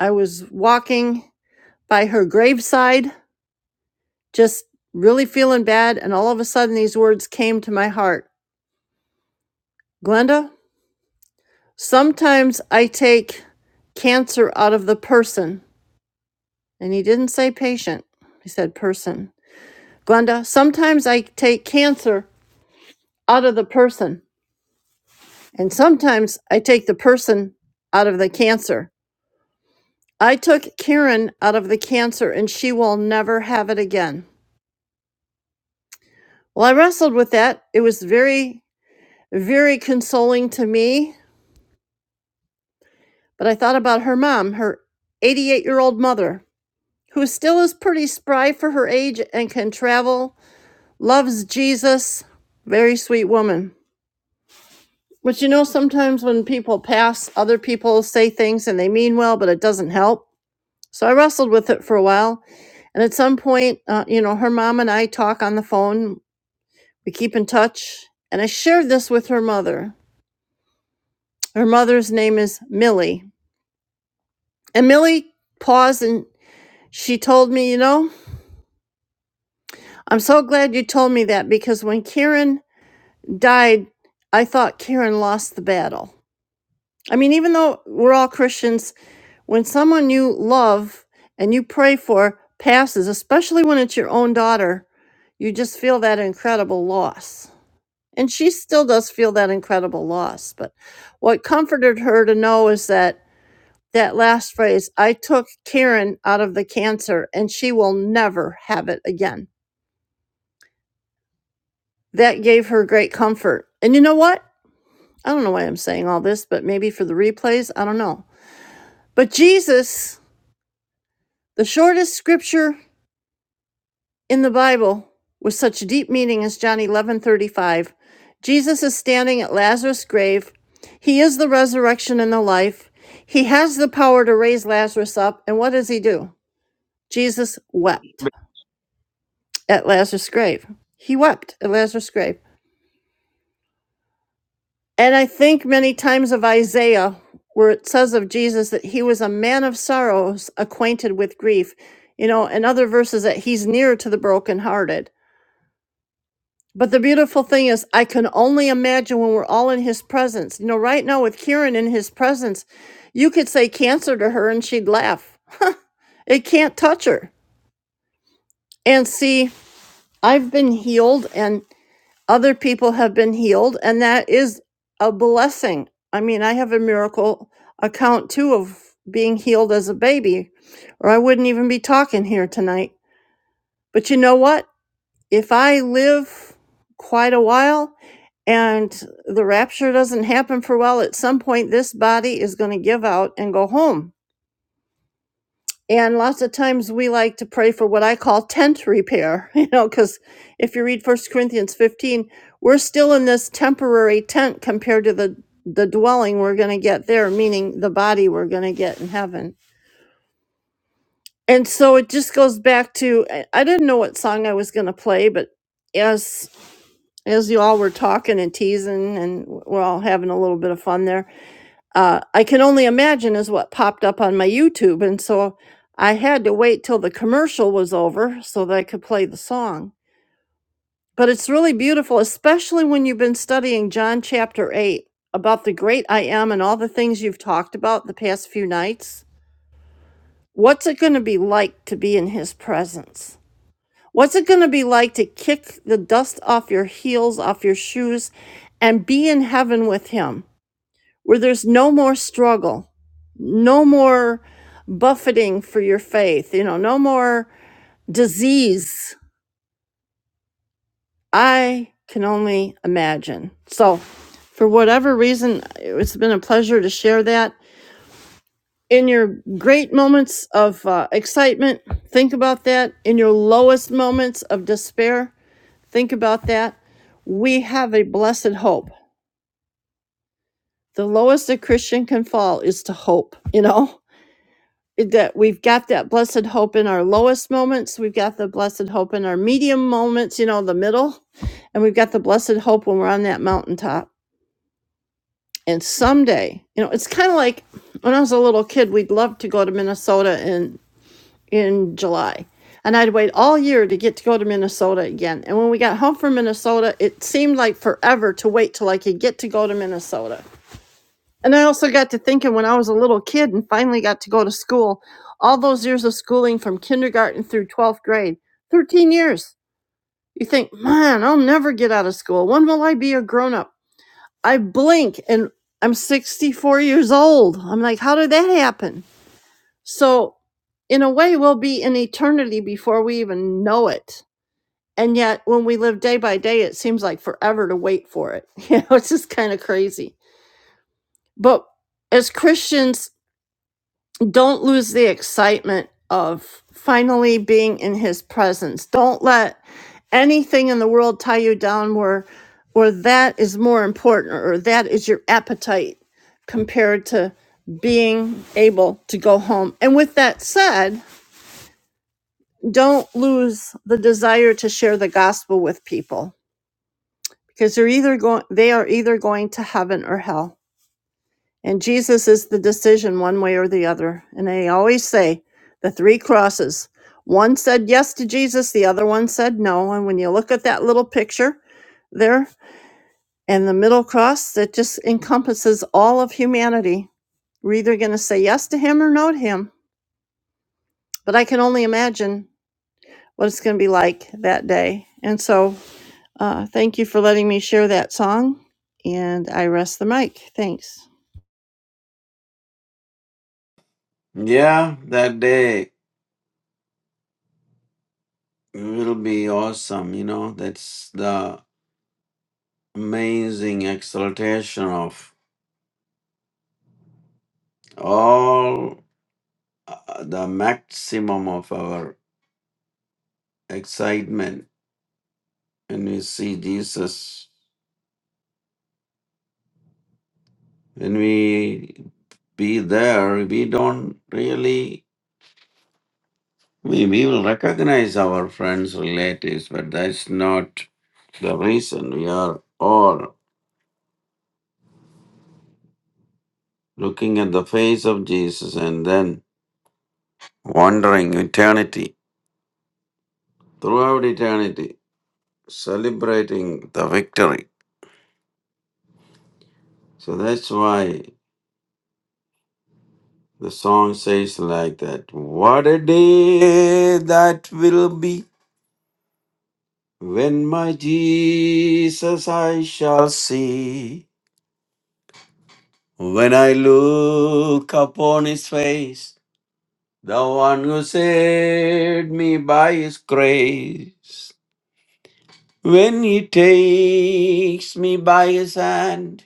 S7: I was walking by her graveside just really feeling bad. And all of a sudden, these words came to my heart Glenda, sometimes I take cancer out of the person. And he didn't say patient, he said person. Glenda, sometimes I take cancer out of the person. And sometimes I take the person out of the cancer. I took Karen out of the cancer and she will never have it again. Well, I wrestled with that. It was very, very consoling to me But I thought about her mom, her 88 year old mother, who still is pretty spry for her age and can travel, loves Jesus. Very sweet woman. But you know, sometimes when people pass, other people say things and they mean well, but it doesn't help. So I wrestled with it for a while. And at some point, uh, you know, her mom and I talk on the phone, we keep in touch. And I shared this with her mother. Her mother's name is Millie. And Millie paused and she told me, you know, I'm so glad you told me that because when Kieran died, I thought Kieran lost the battle. I mean, even though we're all Christians, when someone you love and you pray for passes, especially when it's your own daughter, you just feel that incredible loss. And she still does feel that incredible loss. But what comforted her to know is that that last phrase, I took Karen out of the cancer and she will never have it again That gave her great comfort. And you know what? I don't know why I'm saying all this, but maybe for the replays, I don't know. But Jesus, the shortest scripture in the Bible with such deep meaning as John 11:35. Jesus is standing at Lazarus' grave. He is the resurrection and the life. He has the power to raise Lazarus up. And what does he do? Jesus wept at Lazarus' grave. He wept at Lazarus' grave. And I think many times of Isaiah, where it says of Jesus that he was a man of sorrows, acquainted with grief, you know, and other verses that he's near to the brokenhearted. But the beautiful thing is, I can only imagine when we're all in his presence. You know, right now with Karen in his presence, you could say cancer to her and she'd laugh. It can't touch her. And see, I've been healed, and Other people have been healed, and that is a blessing. I mean, I have a miracle account too of being healed as a baby, or I wouldn't even be talking here tonight. But you know what? If I live quite a while and the rapture doesn't happen for a while, at some point this body is going to give out and go home and lots of times we like to pray for what I call tent repair, <laughs> you know, because if you read First Corinthians 15, we're still in this temporary tent compared to the, the dwelling we're going to get there, meaning the body we're going to get in heaven. And so it just goes back to I I didn't know what song I was going to play, but as as you all were talking and teasing and we're all having a little bit of fun there uh, I can only imagine is what popped up on my YouTube. And so I had to wait till the commercial was over so that I could play the song. But it's really beautiful, especially when you've been studying John chapter 8 about the great I am and all the things you've talked about the past few nights. What's it going to be like to be in his presence? What's it going to be like to kick the dust off your heels, off your shoes, and be in heaven with him? where there's no more struggle, no more buffeting for your faith, you know, no more disease. I can only imagine. So, for whatever reason, it's been a pleasure to share that. In your great moments of uh, excitement, think about that. In your lowest moments of despair, think about that. We have a blessed hope. The lowest a Christian can fall is to hope, you know? that we've got that blessed hope in our lowest moments we've got the blessed hope in our medium moments you know the middle and we've got the blessed hope when we're on that mountaintop and someday you know it's kind of like when i was a little kid we'd love to go to minnesota in in july and i'd wait all year to get to go to minnesota again and when we got home from minnesota it seemed like forever to wait till i could get to go to minnesota and I also got to thinking when I was a little kid and finally got to go to school, all those years of schooling from kindergarten through 12th grade, 13 years. You think, man, I'll never get out of school. When will I be a grown up? I blink and I'm 64 years old. I'm like, how did that happen? So, in a way, we'll be in eternity before we even know it. And yet, when we live day by day, it seems like forever to wait for it. <laughs> You know, it's just kind of crazy. But as Christians, don't lose the excitement of finally being in his presence. Don't let anything in the world tie you down where or that is more important or that is your appetite compared to being able to go home. And with that said, don't lose the desire to share the gospel with people because they're either going they are either going to heaven or hell. And Jesus is the decision one way or the other. And they always say the three crosses. One said yes to Jesus, the other one said no. And when you look at that little picture there and the middle cross, that just encompasses all of humanity. We're either going to say yes to him or no to him. But I can only imagine what it's going to be like that day. And so uh, thank you for letting me share that song. And I rest the mic. Thanks.
S2: Yeah, that day will be awesome. You know, that's the amazing exaltation of all uh, the maximum of our excitement when we see Jesus. When we be there, we don't really We, we will recognize our friends, relatives, but that's not the reason. We are all looking at the face of Jesus and then wandering eternity, throughout eternity, celebrating the victory. So that's why the song says like that What a day that will be when my Jesus I shall see. When I look upon his face, The one who saved me by his grace. When he takes me by his hand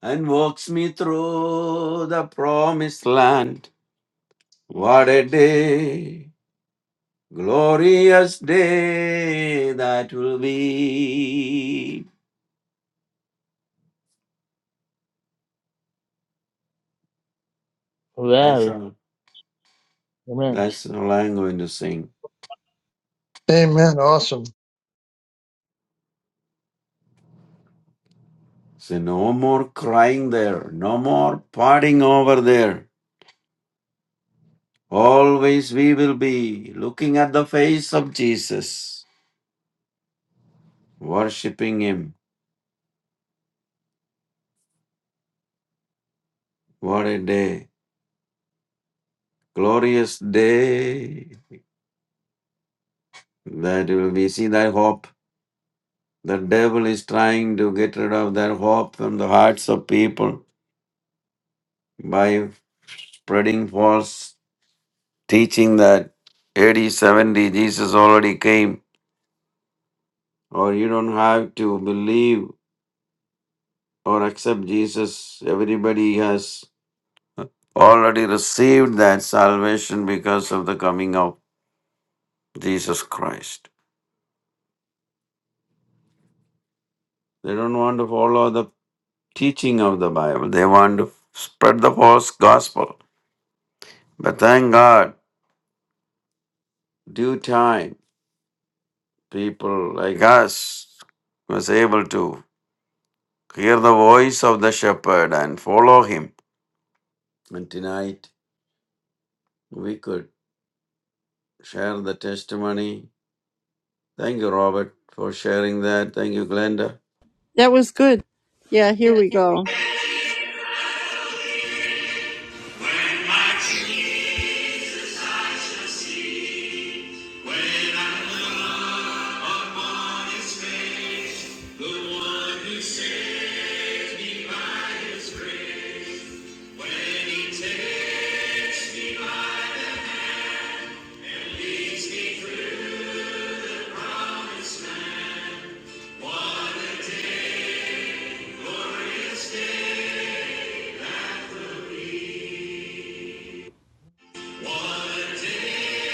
S2: and walks me through the promised land. What a day, glorious day that will be. That's
S1: Well,
S2: all.
S1: amen.
S2: That's all I'm going to sing.
S6: Amen. Awesome.
S2: So no more crying there, no more parting over there. Always we will be looking at the face of Jesus, worshiping Him. What a day, glorious day that will be. See that hope. The devil is trying to get rid of that hope from the hearts of people by spreading false teaching that AD 70 Jesus already came, or you don't have to believe or accept Jesus. Everybody has already received that salvation because of the coming of Jesus Christ. They don't want to follow the teaching of the Bible, they want to spread the false gospel. But thank God, due time, people like us was able to hear the voice of the shepherd and follow him. And tonight we could share the testimony. Thank you, Robert, for sharing that. Thank you, Glenda
S7: That was good. Yeah, here we go.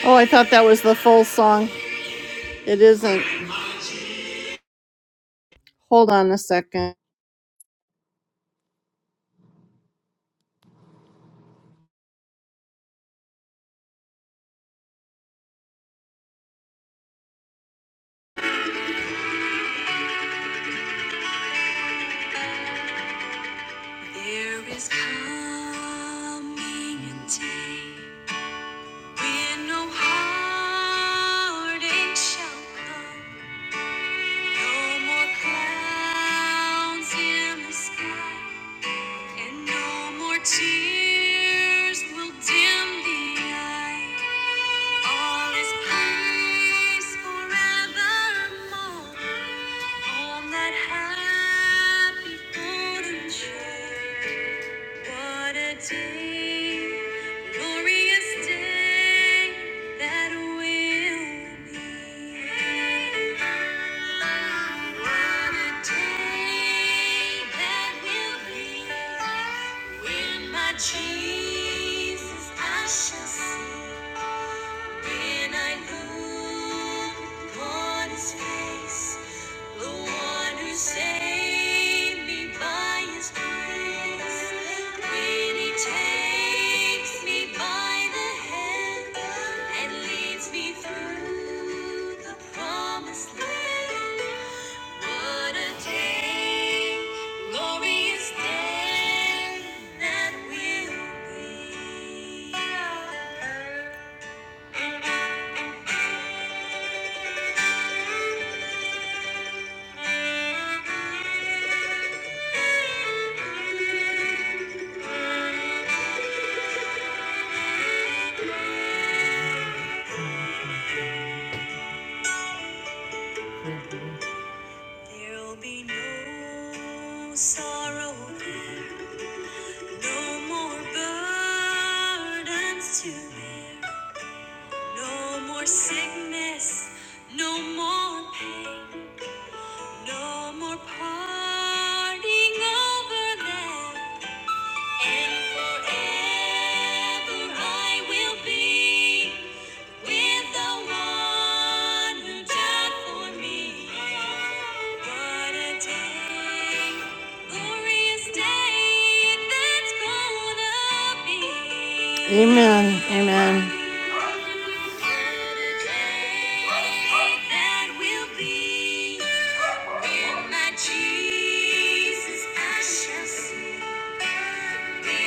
S7: Oh, I thought that was the full song. It isn't. Hold on a second. There is coming a day when no heartache shall come, no more clouds in the sky. And no more tears will dim the eye. All is peace forevermore. On that happy golden train. What a day, glorious day that will be. What a day that will be when my Jesus I shall see. When I look upon his face, the one who saved me by his grace. When he takes me by the hand and leads me through the promised land. What a day, glorious day that will be. Thank you. There'll be no sorrow there, no more burdens to bear, no more sickness, no more pain, no more parting over there, and forever I will be. Amen. Amen. that will be. With my Jesus, I shall see. Promised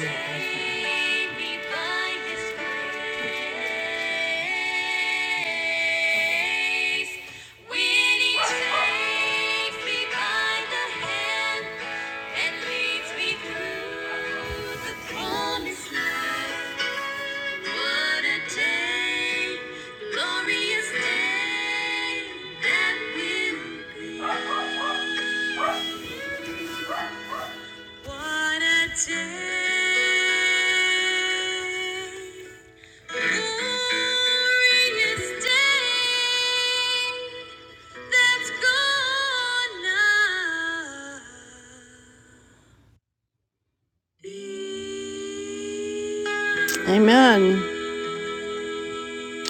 S7: land. What a day, glorious day that will be. What a day, glorious day that's gone now. Amen.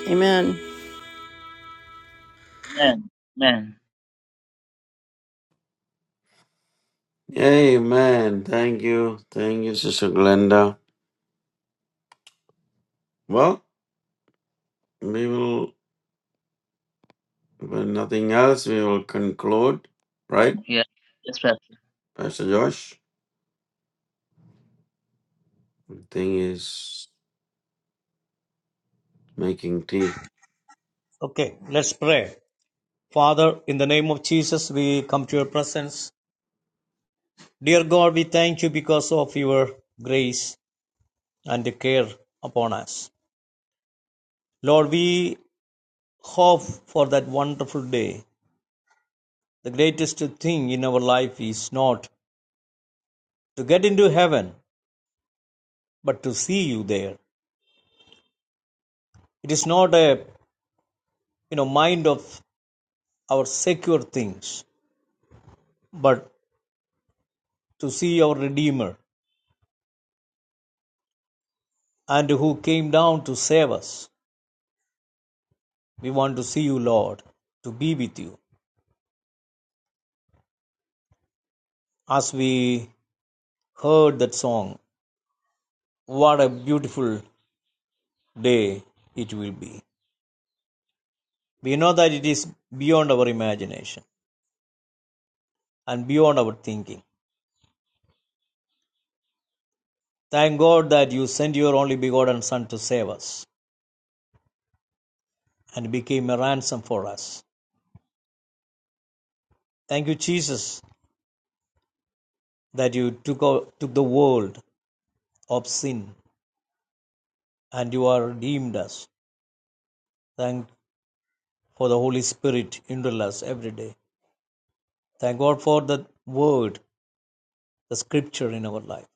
S7: Amen.
S1: Man. Man.
S2: Amen. Thank you. Thank you, Sister Glenda. Well, we will, if nothing else, we will conclude, right,
S1: Yeah. Yes, Pastor.
S2: Pastor Josh? I think is making tea.
S3: Okay, let's pray. Father, in the name of Jesus, we come to your presence. Dear God, we thank you because of your grace and the care upon us. Lord, we hope for that wonderful day. The greatest thing in our life is not to get into heaven, but to see you there. It is not a you know mind of our secure things, but to see our Redeemer and who came down to save us. We want to see you, Lord, to be with you as we heard that song, what a beautiful day it will be. We know that it is beyond our imagination and beyond our thinking. Thank God that you sent your only begotten Son to save us and became a ransom for us. Thank you, Jesus, that you took, out, took the world of sin and you are redeemed us. Thank for the Holy Spirit indwell us every day. Thank God for the word, the scripture in our life.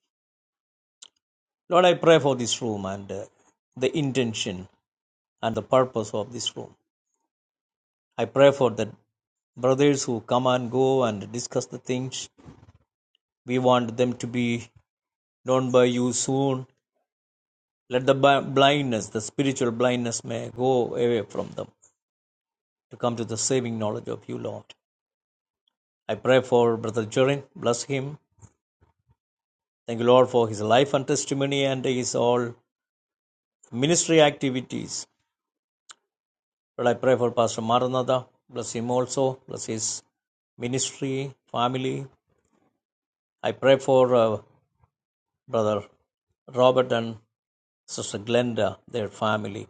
S3: Lord, I pray for this room and uh, the intention and the purpose of this room. I pray for the brothers who come and go and discuss the things. We want them to be known by you soon. Let the bi- blindness, the spiritual blindness, may go away from them to come to the saving knowledge of you, Lord. I pray for Brother Jorin. Bless him. Thank you, Lord, for his life and testimony and his all ministry activities. Lord, I pray for Pastor Maranatha. Bless him also. Bless his ministry, family. I pray for uh, Brother Robert and Sister Glenda, their family.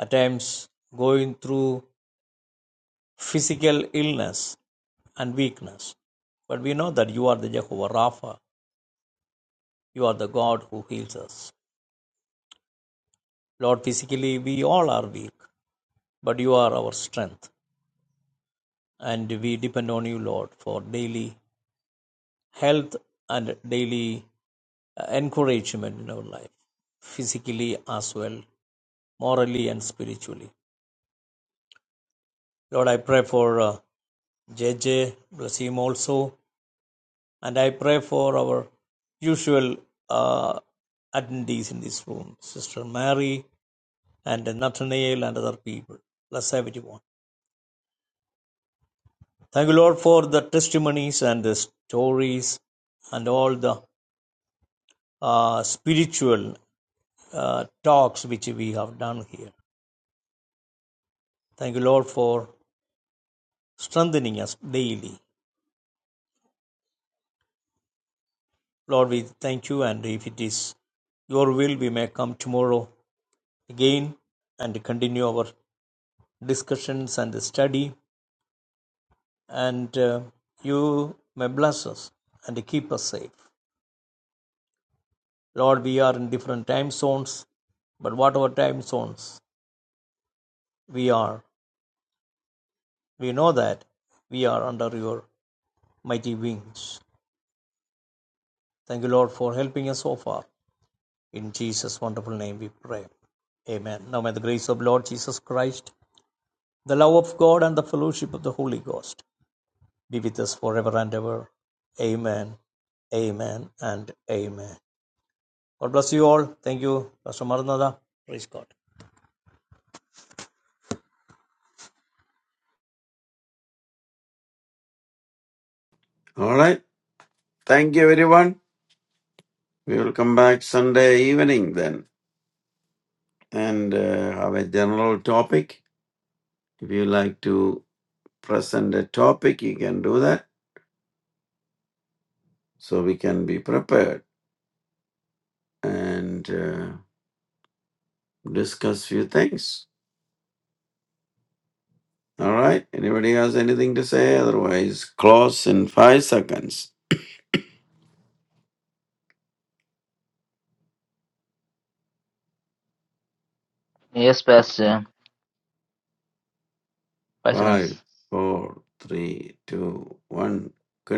S3: At times going through physical illness and weakness. But we know that you are the Jehovah Rapha. You are the God who heals us. Lord, physically we all are weak, but you are our strength. And we depend on you, Lord, for daily health and daily uh, encouragement in our life, physically as well, morally and spiritually. Lord, I pray for uh, J. J, bless him also, and I pray for our usual uh, attendees in this room, Sister Mary and Nathaniel and other people. Bless everyone. Thank you, Lord, for the testimonies and the stories and all the uh, spiritual uh, talks which we have done here. Thank you, Lord, for strengthening us daily. Lord, we thank you, and if it is your will, we may come tomorrow again and continue our discussions and study, and uh, you may bless us and keep us safe. Lord, we are in different time zones, but whatever time zones we are, we know that we are under your mighty wings. Thank you, Lord, for helping us so far. In Jesus' wonderful name we pray. Amen. Now may the grace of Lord Jesus Christ, the love of God, and the fellowship of the Holy Ghost be with us forever and ever. Amen. Amen and amen. God bless you all. Thank you, Pastor Maranatha. Praise God.
S2: All right. Thank you, everyone. We will come back Sunday evening then and uh, have a general topic. If you like to present a topic, you can do that so we can be prepared and uh, discuss few things. All right. Anybody has anything to say? Otherwise, close in five seconds.
S1: Yes, Pastor. Five
S2: Five,
S1: seconds.
S2: four, three, two, one. Good